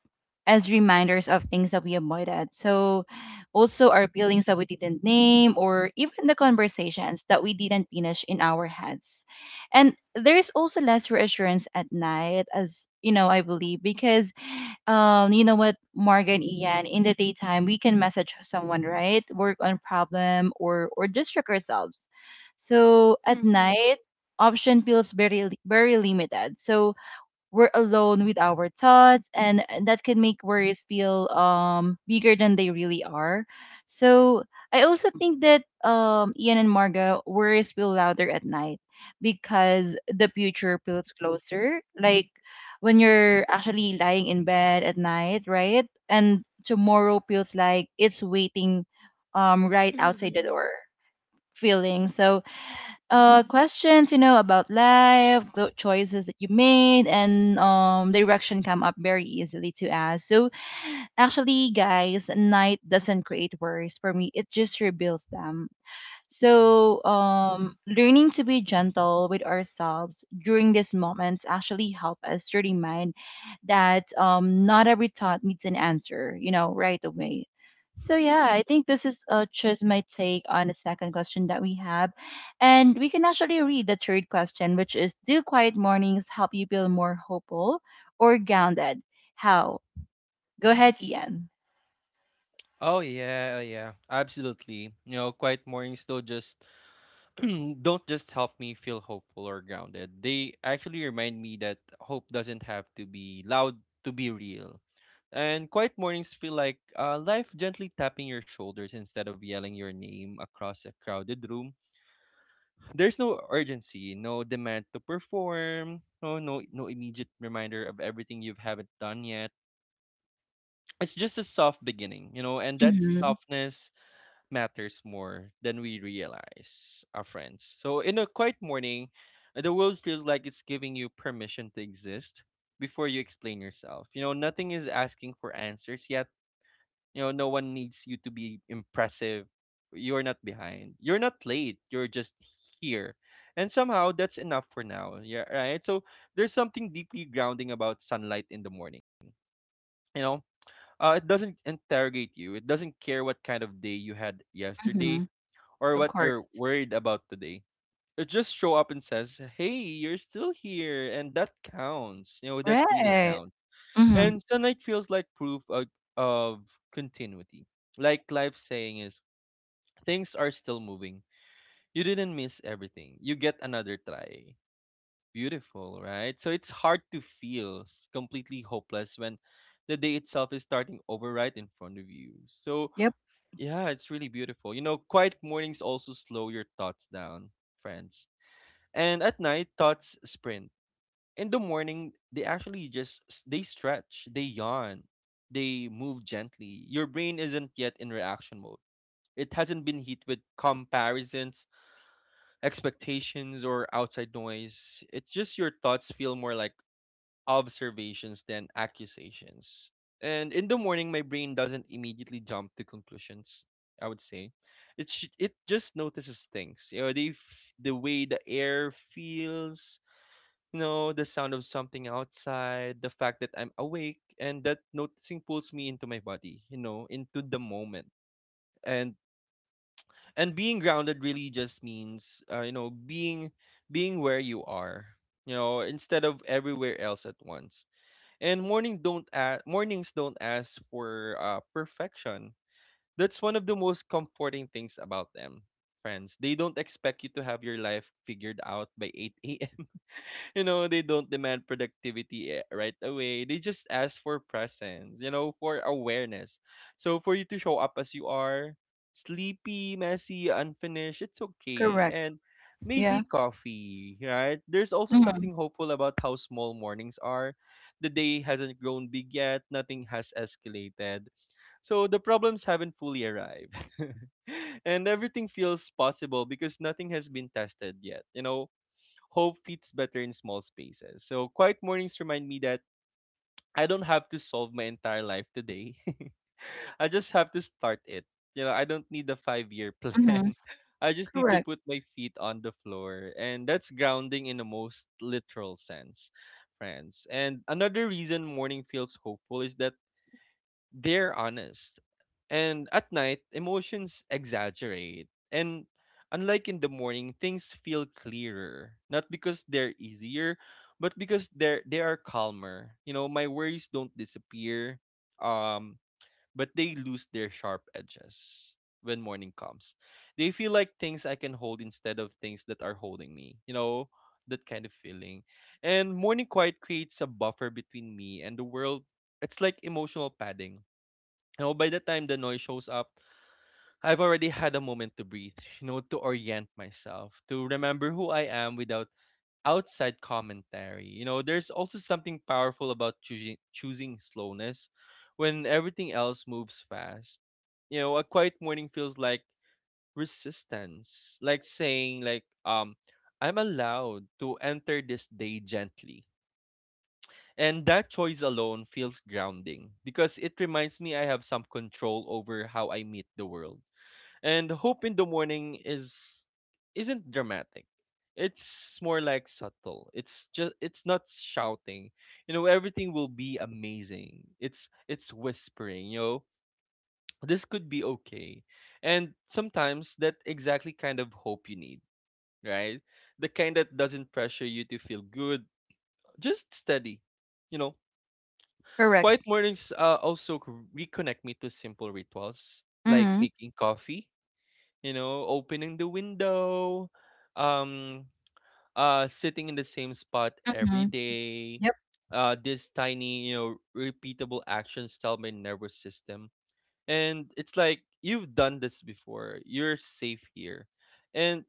[SPEAKER 1] as reminders of things that we avoided. So also our feelings that we didn't name or even the conversations that we didn't finish in our heads. And there's also less reassurance at night as you know, I believe, because you know what, Morgan, Ian, in the daytime, we can message someone, right? Work on problem or distract ourselves. So at
[SPEAKER 2] Mhm.
[SPEAKER 1] night, option feels very limited. So we're alone with our thoughts and that can make worries feel bigger than they really are so I also think that ian and marga worries feel louder at night because the future feels closer like when you're actually lying in bed at night right and tomorrow feels like it's waiting right outside
[SPEAKER 2] Mhm.
[SPEAKER 1] the door feeling so questions you know about life the choices that you made and direction come up very easily to us so actually guys night doesn't create worries for me it just reveals them so, learning to be gentle with ourselves during these moments actually help us to remind that not every thought needs an answer, you know, right away. So yeah, I think this is just my take on the second question that we have, and we can actually read the third question, which is: Do quiet mornings help you feel more hopeful or grounded? How? Go ahead, Ian.
[SPEAKER 3] Oh yeah, oh yeah, absolutely. You know, quiet mornings though just don't just help me feel hopeful or grounded. They actually remind me that hope doesn't have to be loud to be real. And quiet mornings feel like life gently tapping your shoulders instead of yelling your name across a crowded room. There's no urgency, no demand to perform, no immediate reminder of everything you haven't done yet. It's just a soft beginning, you know, and that
[SPEAKER 1] Mm-hmm.
[SPEAKER 3] softness matters more than we realize, our friends. So in a quiet morning, the world feels like it's giving you permission to exist before you explain yourself. You know, nothing is asking for answers yet. You know, no one needs you to be impressive. You're not behind. You're not late. You're just here. And somehow that's enough for now. Yeah, right. So there's something deeply grounding about sunlight in the morning. You know, it doesn't interrogate you. It doesn't care what kind of day you had
[SPEAKER 1] Mm-hmm.
[SPEAKER 3] yesterday or
[SPEAKER 1] Of
[SPEAKER 3] what you're
[SPEAKER 1] course.
[SPEAKER 3] worried about today. It just show up and says, "Hey, you're still here," and that counts. You know, that really
[SPEAKER 1] Right.
[SPEAKER 3] counts.
[SPEAKER 1] Mm-hmm.
[SPEAKER 3] And sunlight feels like proof of continuity. Like life saying is, things are still moving. You didn't miss everything. You get another try. Beautiful, right? So it's hard to feel completely hopeless when the day itself is starting over right in front of you. So
[SPEAKER 1] Yep.
[SPEAKER 3] yeah, it's really beautiful. You know, quiet mornings also slow your thoughts down, friends. And at night, thoughts sprint. In the morning, they actually just they stretch, they yawn, they move gently. Your brain isn't yet in reaction mode. It hasn't been hit with comparisons, expectations, or outside noise. It's just your thoughts feel more like observations than accusations. And in the morning my brain doesn't immediately jump to conclusions, I would say. It just notices things, you know, the way the air feels, you know, the sound of something outside, the fact that I'm awake, and that noticing pulls me into my body, you know, into the moment. And and being grounded really just means, you know, being where you are, you know, instead of everywhere else at once. And mornings don't ask for perfection. That's one of the most comforting things about them, friends. They don't expect you to have your life figured out by 8 a.m. They don't demand productivity right away. They just ask for presence, for awareness. So for you to show up as you are, sleepy, messy, unfinished, it's okay.
[SPEAKER 1] Correct.
[SPEAKER 3] And
[SPEAKER 1] Yeah.
[SPEAKER 3] maybe coffee, right? There's also
[SPEAKER 1] Mhm,
[SPEAKER 3] something hopeful about how small mornings are. The day hasn't grown big yet, nothing has escalated. So the problems haven't fully arrived. And everything feels possible because nothing has been tested yet. Hope fits better in small spaces. So quiet mornings remind me that I don't have to solve my entire life today. I just have to start it. I don't need a 5 year
[SPEAKER 1] mhm.
[SPEAKER 3] plan. I just need to
[SPEAKER 1] Correct,
[SPEAKER 3] put my feet on the floor. And that's grounding in the most literal sense, friends. And another reason morning feels hopeful is that they're honest. And at night, emotions exaggerate. And unlike in the morning, things feel clearer. Not because they're easier, but because they are calmer. My worries don't disappear. Um, but they lose their sharp edges when morning comes. They feel like things I can hold instead of things that are holding me. That kind of feeling. And morning quiet creates a buffer between me and the world. It's like emotional padding. By the time the noise shows up, I've already had a moment to breathe, to orient myself, to remember who I am without outside commentary. There's also something powerful about choosing slowness when everything else moves fast. A quiet morning feels like resistance, like saying I'm allowed to enter this day gently, and that choice alone feels grounding because it reminds me I have some control over how I meet the world. And hope in the morning is isn't dramatic. It's more like subtle. It's not shouting. Everything will be amazing. It's whispering, this could be okay. And sometimes that exactly kind of hope you need, right? The kind that doesn't pressure you to feel good, just steady, you know.
[SPEAKER 1] correct.
[SPEAKER 3] Quiet mornings also reconnect me to simple rituals like
[SPEAKER 1] Mm-hmm.
[SPEAKER 3] making coffee, opening the window, um, sitting in the same spot every
[SPEAKER 1] Mm-hmm.
[SPEAKER 3] day.
[SPEAKER 1] Yep.
[SPEAKER 3] This tiny, repeatable actions tell my nervous system, and it's like you've done this before. You're safe here, and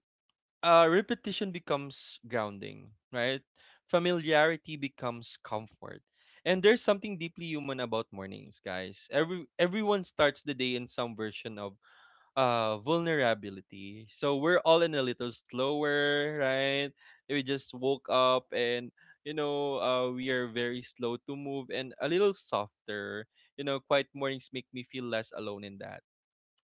[SPEAKER 3] repetition becomes grounding, right? Familiarity becomes comfort. And there's something deeply human about mornings, guys. Everyone starts the day in some version of vulnerability. So we're all in a little slower, right? We just woke up and we are very slow to move and a little softer. Quiet mornings make me feel less alone in that,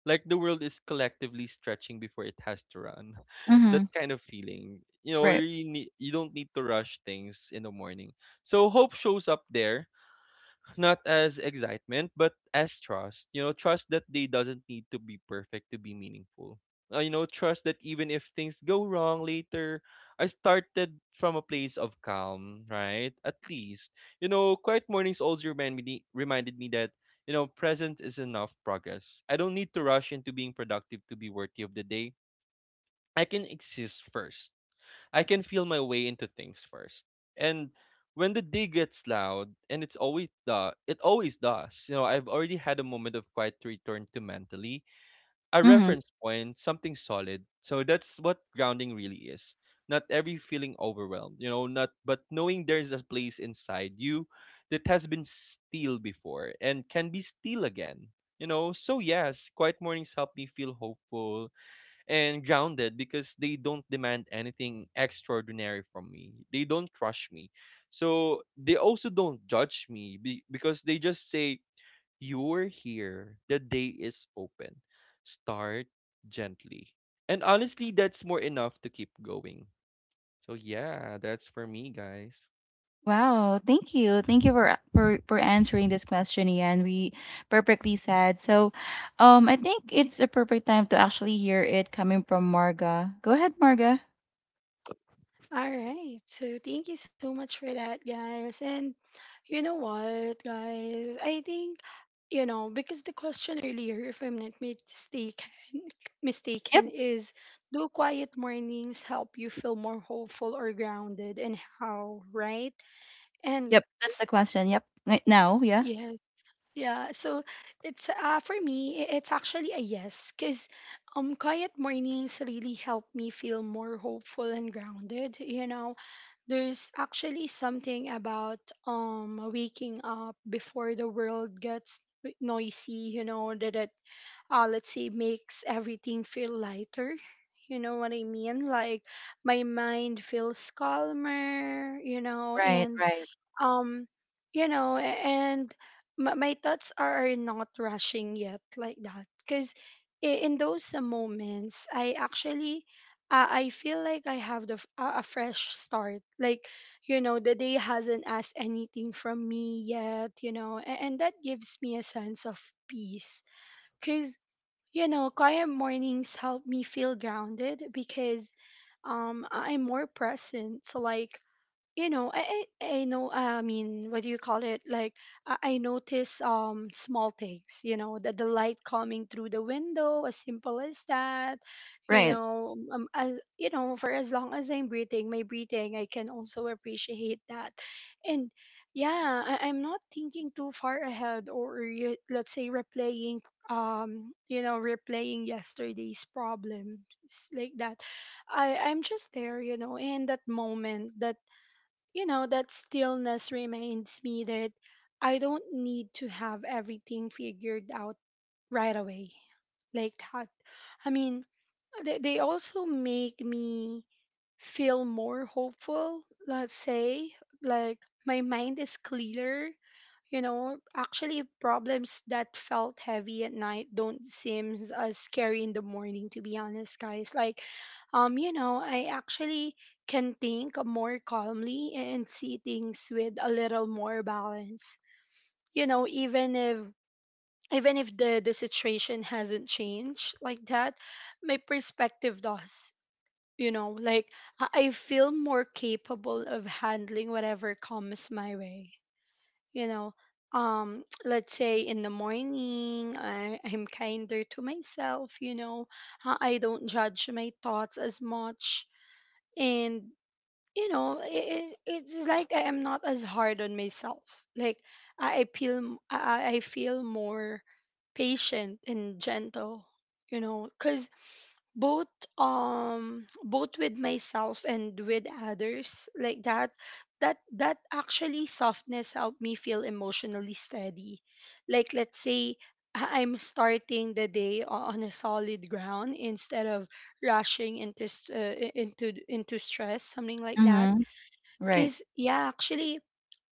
[SPEAKER 3] like the world is collectively stretching before it has to run. That
[SPEAKER 1] Mm-hmm.
[SPEAKER 3] kind of feeling.
[SPEAKER 1] Right.
[SPEAKER 3] Need, you don't need to rush things in the morning, so hope shows up there not as excitement, but as trust. Trust that they doesn't need to be perfect to be meaningful. Trust that even if things go wrong later, I started from a place of calm, right? At least, quiet mornings also reminded me that present is enough progress. I don't need to rush into being productive to be worthy of the day. I can exist first. I can feel my way into things first. And when the day gets loud, and it always does, I've already had a moment of quiet return to mentally, a
[SPEAKER 1] Mm-hmm.
[SPEAKER 3] reference point, something solid. So that's what grounding really is. Not every feeling overwhelmed, not but knowing there's a place inside you that has been still before and can be still again. So yes, quiet mornings help me feel hopeful and grounded because they don't demand anything extraordinary from me. They don't rush me. So they also don't judge me because they just say, you're here. The day is open. Start gently. And honestly, that's more enough to keep going. So yeah, that's for me, guys.
[SPEAKER 1] Wow. Thank you. Thank you for answering this question, Ian. We perfectly said. So, I think it's a perfect time to actually hear it coming from Marga. Go ahead, Marga.
[SPEAKER 2] All right. So thank you so much for that, guys. And you know what, guys? I think because the question earlier, if I'm not mistaken,
[SPEAKER 1] Yep.
[SPEAKER 2] is, do quiet mornings help you feel more hopeful or grounded, and how, right? And
[SPEAKER 1] Yep. That's the question. Yep. Right now. Yeah.
[SPEAKER 2] yes, yeah, so it's for me, it's actually a yes. Because quiet mornings really help me feel more hopeful and grounded, you know. There's actually something about waking up before the world gets noisy, you know, that it, let's say, makes everything feel lighter. You know what I mean? Like, my mind feels calmer, you know.
[SPEAKER 1] Right.
[SPEAKER 2] And
[SPEAKER 1] Right.
[SPEAKER 2] um and my thoughts are not rushing yet, like that, because in those moments I actually, I feel like I have the f- a fresh start. Like, you know, the day hasn't asked anything from me yet, you know, and that gives me a sense of peace. Because, quiet mornings help me feel grounded because I'm more present. So, like, I know I mean what do you call it? Like, I notice small things, you know, that the light coming through the window, as simple as that. You
[SPEAKER 1] Right.
[SPEAKER 2] know, as you know, for as long as I'm breathing, my breathing, I can also appreciate that. And yeah, I'm not thinking too far ahead, or, you, let's say, replaying replaying yesterday's problems, like that. I'm just there, you know, in that moment. That, you know, that stillness reminds me that I don't need to have everything figured out right away, like that. I mean, they also make me feel more hopeful, let's say. Like, my mind is clearer, you know. Actually, problems that felt heavy at night don't seem as scary in the morning, to be honest, guys. Like, you know, I actually can think more calmly and see things with a little more balance. You know, even if, even if the situation hasn't changed, like that, my perspective does. You know, like, I feel more capable of handling whatever comes my way, you know. Let's say in the morning, I'm kinder to myself, you know. I don't judge my thoughts as much. And, you know, it's like I am not as hard on myself, like, I feel m- I feel more patient and gentle, you know, because both, both with myself and with others, like that. That actually softness helped me feel emotionally steady. Like, let's say I'm starting the day on a solid ground instead of rushing into into stress, something like that.
[SPEAKER 1] Mm-hmm. Right.
[SPEAKER 2] 'Cause yeah, actually,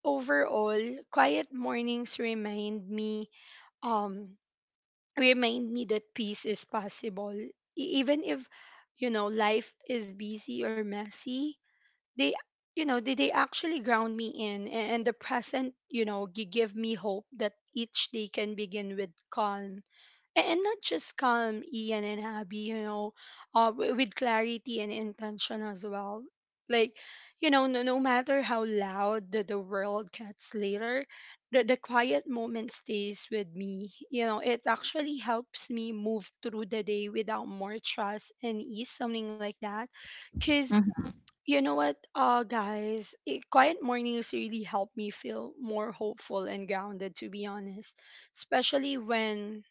[SPEAKER 2] overall, quiet mornings remind me, um remind me that peace is possible, E- even if, you know, life is busy or messy. They, they actually ground me in a- and the present, you know, give me hope that each day can begin with calm. And not just calm, Ian and Abby, you know, with clarity and intention as well. Like, you know, no matter how loud the world gets later, the quiet moment stays with me. You know, it actually helps me move through the day without more stress and ease, something like that. Because,
[SPEAKER 1] Mm-hmm.
[SPEAKER 2] you know what, guys, it, quiet mornings really help me feel more hopeful and grounded, to be honest. Especially when,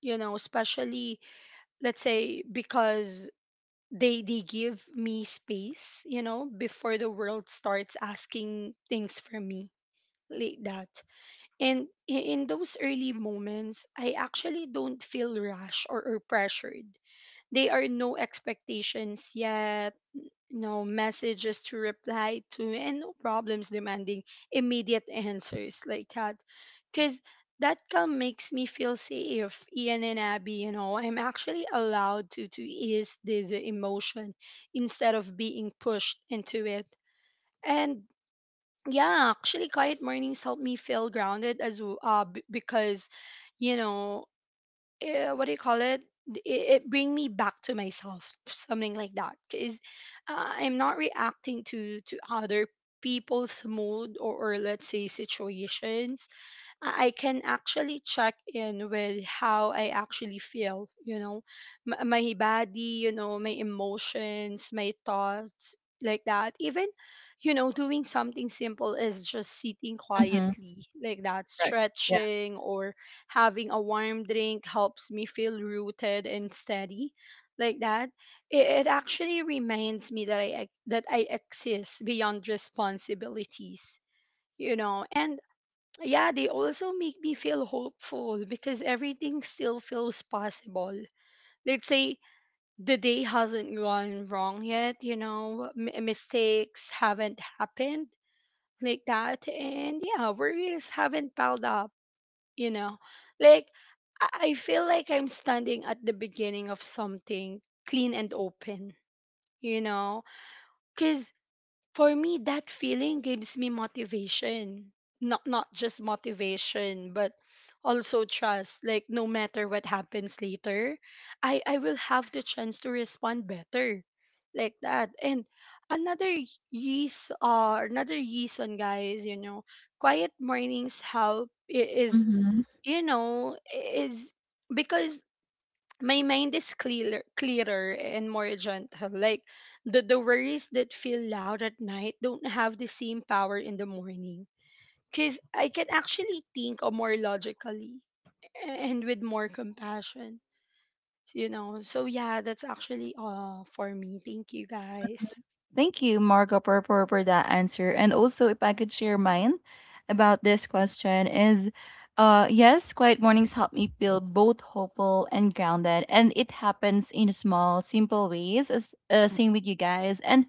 [SPEAKER 2] you know especially let's say, because they give me space, you know, before the world starts asking things from me, like that. And in those early moments, I actually don't feel rushed, or pressured. They are no expectations yet, no messages to reply to, and no problems demanding immediate answers, like that. Because that calm makes me feel safe. Ian and Abby, you know, I'm actually allowed to ease the emotion instead of being pushed into it. And yeah, actually, quiet mornings help me feel grounded as well, because, you know, what do you call it? It it bring me back to myself, something like that. Because, I'm not reacting to other people's mood, or, let's say, situations. I can actually check in with how I actually feel, you know. My body, you know, my emotions, my thoughts, like that. Even, you know, doing something simple is just sitting
[SPEAKER 1] Mm-hmm.
[SPEAKER 2] quietly, like that,
[SPEAKER 1] Right. Yeah.
[SPEAKER 2] stretching, or having a warm drink helps me feel rooted and steady, like that. It actually reminds me that that I exist beyond responsibilities, you know. And yeah, they also make me feel hopeful because everything still feels possible. Let's say the day hasn't gone wrong yet, you know, mistakes haven't happened, like that, and yeah, worries haven't piled up, you know. Like, I feel like I'm standing at the beginning of something clean and open, you know, cause. For me, that feeling gives me motivation. Not just motivation, but also trust. Like, no matter what happens later, I will have the chance to respond better. Like that. And another, yeast another reason, guys, you know, quiet mornings help is,
[SPEAKER 1] Mm-hmm.
[SPEAKER 2] you know, is because my mind is clearer, clearer and more gentle. Like, the worries that feel loud at night don't have the same power in the morning. Because I can actually think of more logically and with more compassion. You know, so yeah, that's actually all for me. Thank you, guys.
[SPEAKER 1] Thank you, Marco, for that answer. And also, if I could share mine about this question is, yes, quiet mornings help me feel both hopeful and grounded, and it happens in small, simple ways. As same with you guys. And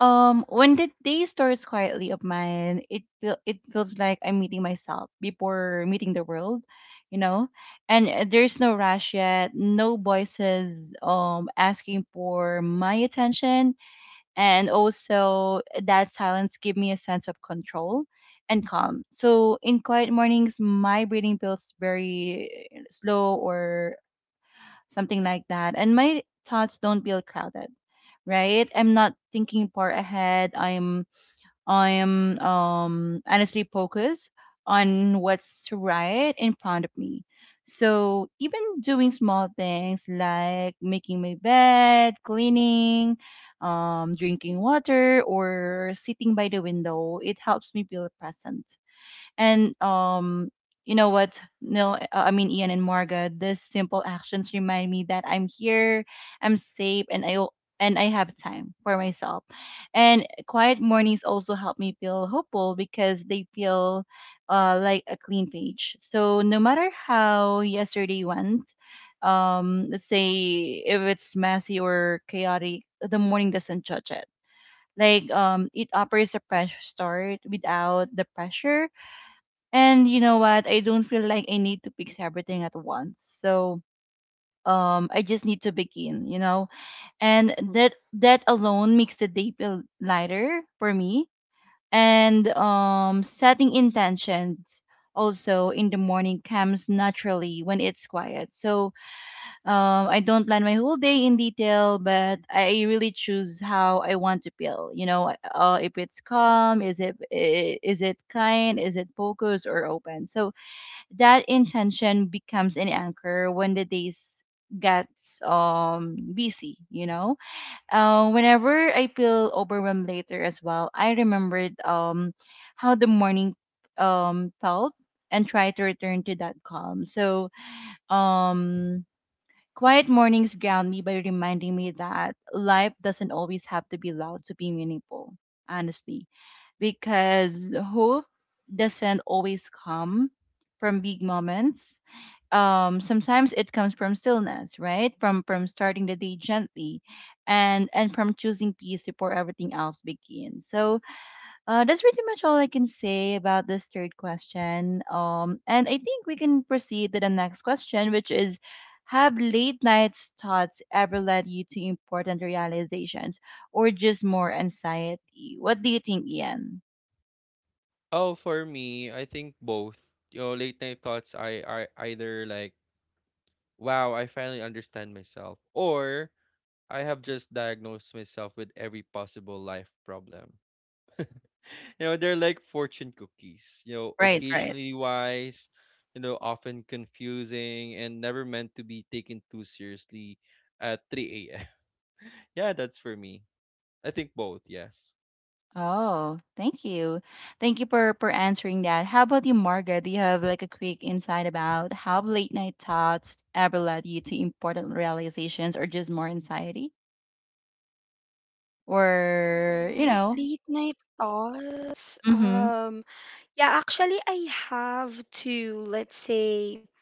[SPEAKER 1] when the day starts quietly of mine, it feels like I'm meeting myself before meeting the world, you know. And there's no rush yet, no voices asking for my attention, and also that silence give me a sense of control and calm. So in quiet mornings my breathing feels very slow or something like that, and my thoughts don't feel crowded. Right, I'm not thinking far ahead. I am honestly focused on what's right in front of me. So even doing small things like making my bed, cleaning, drinking water, or sitting by the window, it helps me feel present. And you know what? Neil, I mean Ian and Marga. These simple actions remind me that I'm here, I'm safe, and I have time for myself. And quiet mornings also help me feel hopeful because they feel like a clean page. So no matter how yesterday went, let's say if it's messy or chaotic, the morning doesn't judge it. Like it offers a fresh start without the pressure. And you know what? I don't feel like I need to fix everything at once. So I just need to begin, you know? And that alone makes the day feel lighter for me. And setting intentions also in the morning comes naturally when it's quiet. So I don't plan my whole day in detail, but I really choose how I want to feel. You know, if it's calm, is it kind, is it focused or open. So that intention becomes an anchor when the days gets busy, you know. Whenever I feel overwhelmed later as well, I remembered how the morning felt, and try to return to that calm. So um quiet mornings ground me by reminding me that life doesn't always have to be loud to be meaningful, honestly, because hope doesn't always come from big moments. Sometimes it comes from stillness, right? From starting the day gently, and from choosing peace before everything else begins. So that's pretty much all I can say about this third question. And I think we can proceed to the next question, which is, have late nights thoughts ever led you to important realizations? Or just more anxiety? What do you think, Ian?
[SPEAKER 3] Oh, for me, I think both. Late night thoughts I either like, wow, I finally understand myself, or I have just diagnosed myself with every possible life problem. They're like fortune cookies,
[SPEAKER 1] Right, right.
[SPEAKER 3] occasionally wise, often confusing and never meant to be taken too seriously at 3 a.m. Yeah, that's for me. I think both, yes.
[SPEAKER 1] Oh, thank you. Thank you for answering that. How about you, Margaret? Do you have like a quick insight about how late night thoughts ever led you to important realizations or just more anxiety? Or, you know,
[SPEAKER 2] Late night thoughts.
[SPEAKER 1] mm-hmm.
[SPEAKER 2] Yeah, actually, I have to, let's say,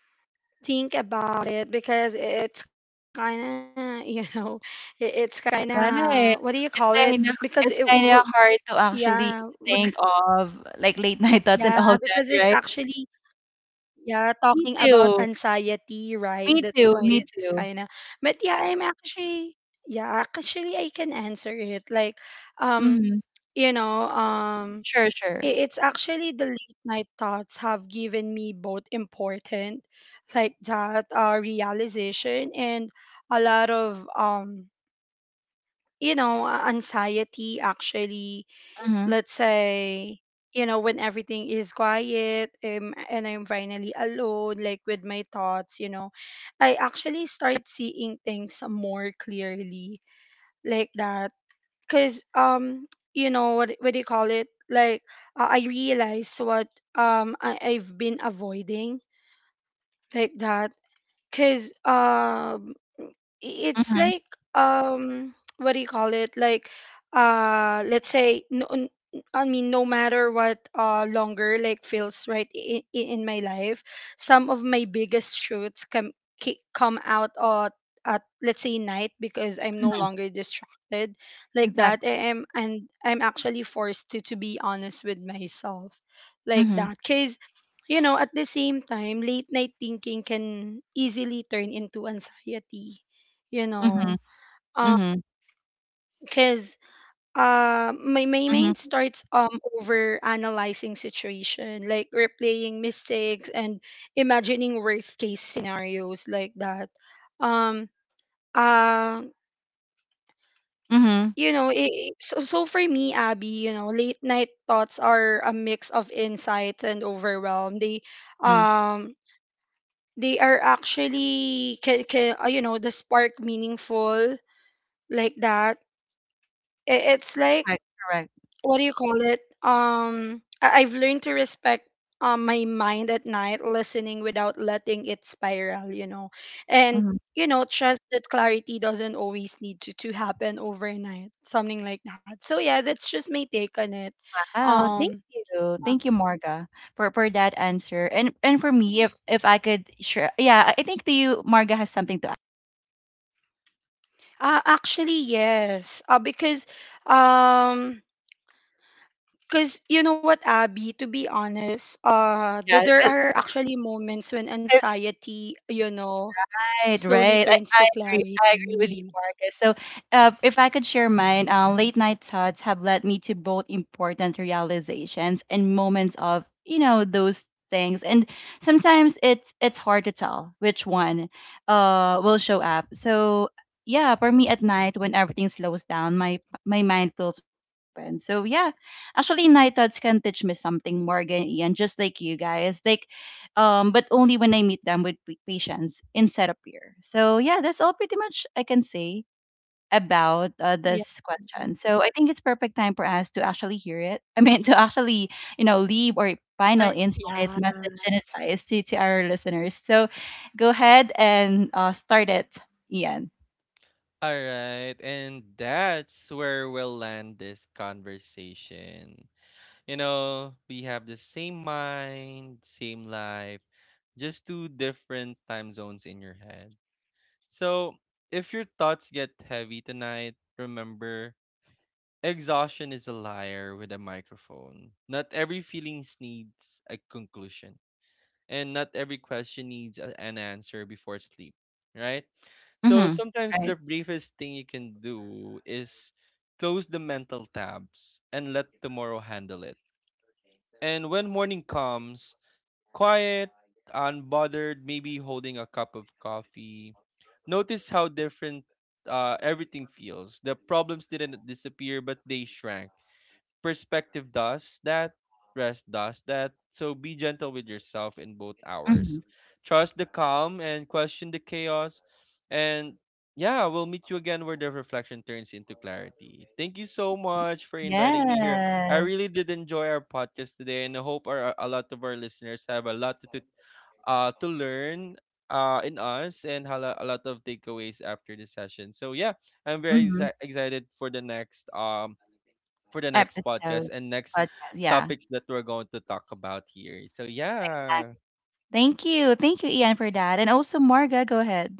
[SPEAKER 2] think about it because it's kind of you know, it's kind of,
[SPEAKER 1] Right.
[SPEAKER 2] what do you
[SPEAKER 1] It's
[SPEAKER 2] call it,
[SPEAKER 1] kind of
[SPEAKER 2] because
[SPEAKER 1] it's
[SPEAKER 2] it
[SPEAKER 1] kind of hard to actually
[SPEAKER 2] yeah,
[SPEAKER 1] think of like late night thoughts and
[SPEAKER 2] yeah,
[SPEAKER 1] all that,
[SPEAKER 2] because it's
[SPEAKER 1] right?
[SPEAKER 2] actually, yeah,
[SPEAKER 1] Me
[SPEAKER 2] talking about
[SPEAKER 1] too.
[SPEAKER 2] anxiety, right?
[SPEAKER 1] Me
[SPEAKER 2] That's
[SPEAKER 1] too.
[SPEAKER 2] why
[SPEAKER 1] Me
[SPEAKER 2] it's
[SPEAKER 1] too.
[SPEAKER 2] kind of, but yeah, I'm actually, yeah, actually I can answer it. Like, um
[SPEAKER 1] Mm-hmm.
[SPEAKER 2] you know um
[SPEAKER 1] Sure, sure.
[SPEAKER 2] It's actually the late night thoughts have given me both important, like that, realization, and a lot of, anxiety, actually.
[SPEAKER 1] Mm-hmm.
[SPEAKER 2] Let's say, you know, when everything is quiet, and I'm finally alone, like, with my thoughts. You know, I actually start seeing things more clearly, like that, because what do you call it? Like, I realized what, I've been avoiding, like that, because it's
[SPEAKER 1] Mm-hmm.
[SPEAKER 2] like, what do you call it? Like, let's say, I mean, no matter what, longer like feels right in my life, some of my biggest shoots come, come out at, let's say, night, because I'm no longer distracted, like that.
[SPEAKER 1] Exactly.
[SPEAKER 2] I am and I'm actually forced to be honest with myself, like
[SPEAKER 1] Mm-hmm.
[SPEAKER 2] that, cuz you know, at the same time, late night thinking can easily turn into anxiety, you
[SPEAKER 1] Mm-hmm.
[SPEAKER 2] know.
[SPEAKER 1] Mm-hmm.
[SPEAKER 2] Because, my mind
[SPEAKER 1] Mhm,
[SPEAKER 2] starts over analyzing situation, like replaying mistakes and imagining worst case scenarios, like that. Um, uh,
[SPEAKER 1] mhm,
[SPEAKER 2] you know, so, so for me, Abby, you know, late night thoughts are a mix of insights and overwhelm. They,
[SPEAKER 1] mhm.
[SPEAKER 2] um they are actually can, you know, the spark meaningful, like that. It's like,
[SPEAKER 1] Right, correct.
[SPEAKER 2] what do you call it, I've learned to respect my mind at night, listening without letting it spiral, you know, and,
[SPEAKER 1] Mhm.
[SPEAKER 2] you know, trust that clarity doesn't always need to happen overnight, something like that. So yeah, that's just my take on it.
[SPEAKER 1] Oh, thank
[SPEAKER 2] um
[SPEAKER 1] you. Thank you, Marga, for that answer. And for me, if I could share, yeah, I think that you, Marga, has something to add.
[SPEAKER 2] Actually, yes, because um because, you know what, Abby, to be honest,
[SPEAKER 1] Yeah,
[SPEAKER 2] there are actually moments when anxiety, you know,
[SPEAKER 1] right,
[SPEAKER 2] slowly
[SPEAKER 1] right. I,
[SPEAKER 2] turns to
[SPEAKER 1] I agree. I agree with you,
[SPEAKER 2] clarity.
[SPEAKER 1] Marcus. So, if I could share mine, late night thoughts have led me to both important realizations and moments of, you know, those things. And sometimes it's hard to tell which one, will show up. So, yeah, for me at night when everything slows down, my mind feels more open. So, yeah, actually, night thoughts can teach me something, Morgan, Ian, just like you guys. Like but only when I meet them with patience instead of fear. So yeah, that's all pretty much I can say about
[SPEAKER 2] Yeah.
[SPEAKER 1] this question. So I think it's perfect time for us to actually hear it. I mean, to actually you know leave or final insights,
[SPEAKER 2] Yeah.
[SPEAKER 1] message, and advice to our listeners. So go ahead and start it, Ian.
[SPEAKER 3] All right, and that's where we'll land this conversation. We have the same mind, same life, just two different time zones in your head. So, if your thoughts get heavy tonight, remember exhaustion is a liar with a microphone. Not every feeling needs a conclusion, and not every question needs an answer before sleep, right? So,
[SPEAKER 1] Mm-hmm.
[SPEAKER 3] sometimes the
[SPEAKER 1] Right.
[SPEAKER 3] briefest thing you can do is close the mental tabs and let tomorrow handle it. And when morning comes, quiet, unbothered, maybe holding a cup of coffee. Notice how different everything feels. The problems didn't disappear, but they shrank. Perspective does that, rest does that. So be gentle with yourself in both
[SPEAKER 1] Mm-hmm.
[SPEAKER 3] hours. Trust the calm and question the chaos. And yeah, we'll meet you again where the reflection turns into clarity. Thank you so much for inviting me here. I
[SPEAKER 1] Yes.
[SPEAKER 3] really did enjoy our podcast today, and I hope our, a lot of our listeners have a lot to learn in us and a lot of takeaways after the session. So yeah, I'm very
[SPEAKER 1] Mm-hmm.
[SPEAKER 3] excited for the next podcast
[SPEAKER 1] Episode
[SPEAKER 3] and next
[SPEAKER 1] podcast. Yeah.
[SPEAKER 3] topics that we're going to talk about here. So yeah.
[SPEAKER 1] Thank you. Thank you, Ian, for that. And also, Marga, go ahead.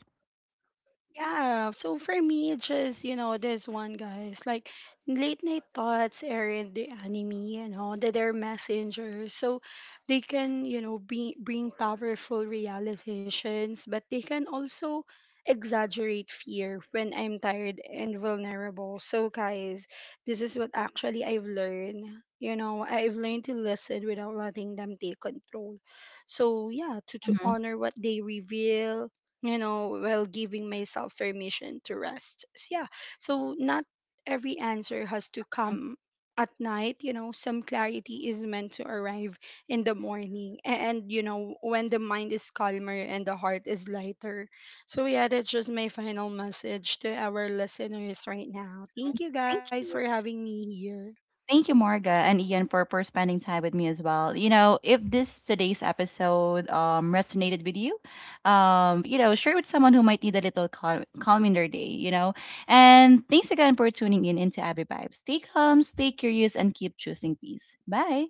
[SPEAKER 2] Yeah, so for me, just, you know, this one, guys, like, late night thoughts are in the anime, you know, that they're messengers. So they can, you know, bring powerful realizations, but they can also exaggerate fear when I'm tired and vulnerable. So, guys, this is what actually I've learned. You know, I've learned to listen without letting them take control. So, yeah, to
[SPEAKER 1] Mhm,
[SPEAKER 2] honor what they reveal, you know, while giving myself permission to rest. So, yeah, so not every answer has to
[SPEAKER 1] mhm.
[SPEAKER 2] come at night, you know. Some clarity is meant to arrive in the morning. And, you know, when the mind is calmer and the heart is lighter. So, yeah, that's just my final message to our listeners right now. Thank you,
[SPEAKER 1] Thank
[SPEAKER 2] guys, for
[SPEAKER 1] you.
[SPEAKER 2] having me here.
[SPEAKER 1] Thank you, Morga and Ian, for spending time with me as well. You know, if this today's episode resonated with you, you know, share with someone who might need a little calm, calm in their day, you know. And thanks again for tuning in into Abby Vibes. Stay calm, stay curious, and keep choosing peace. Bye.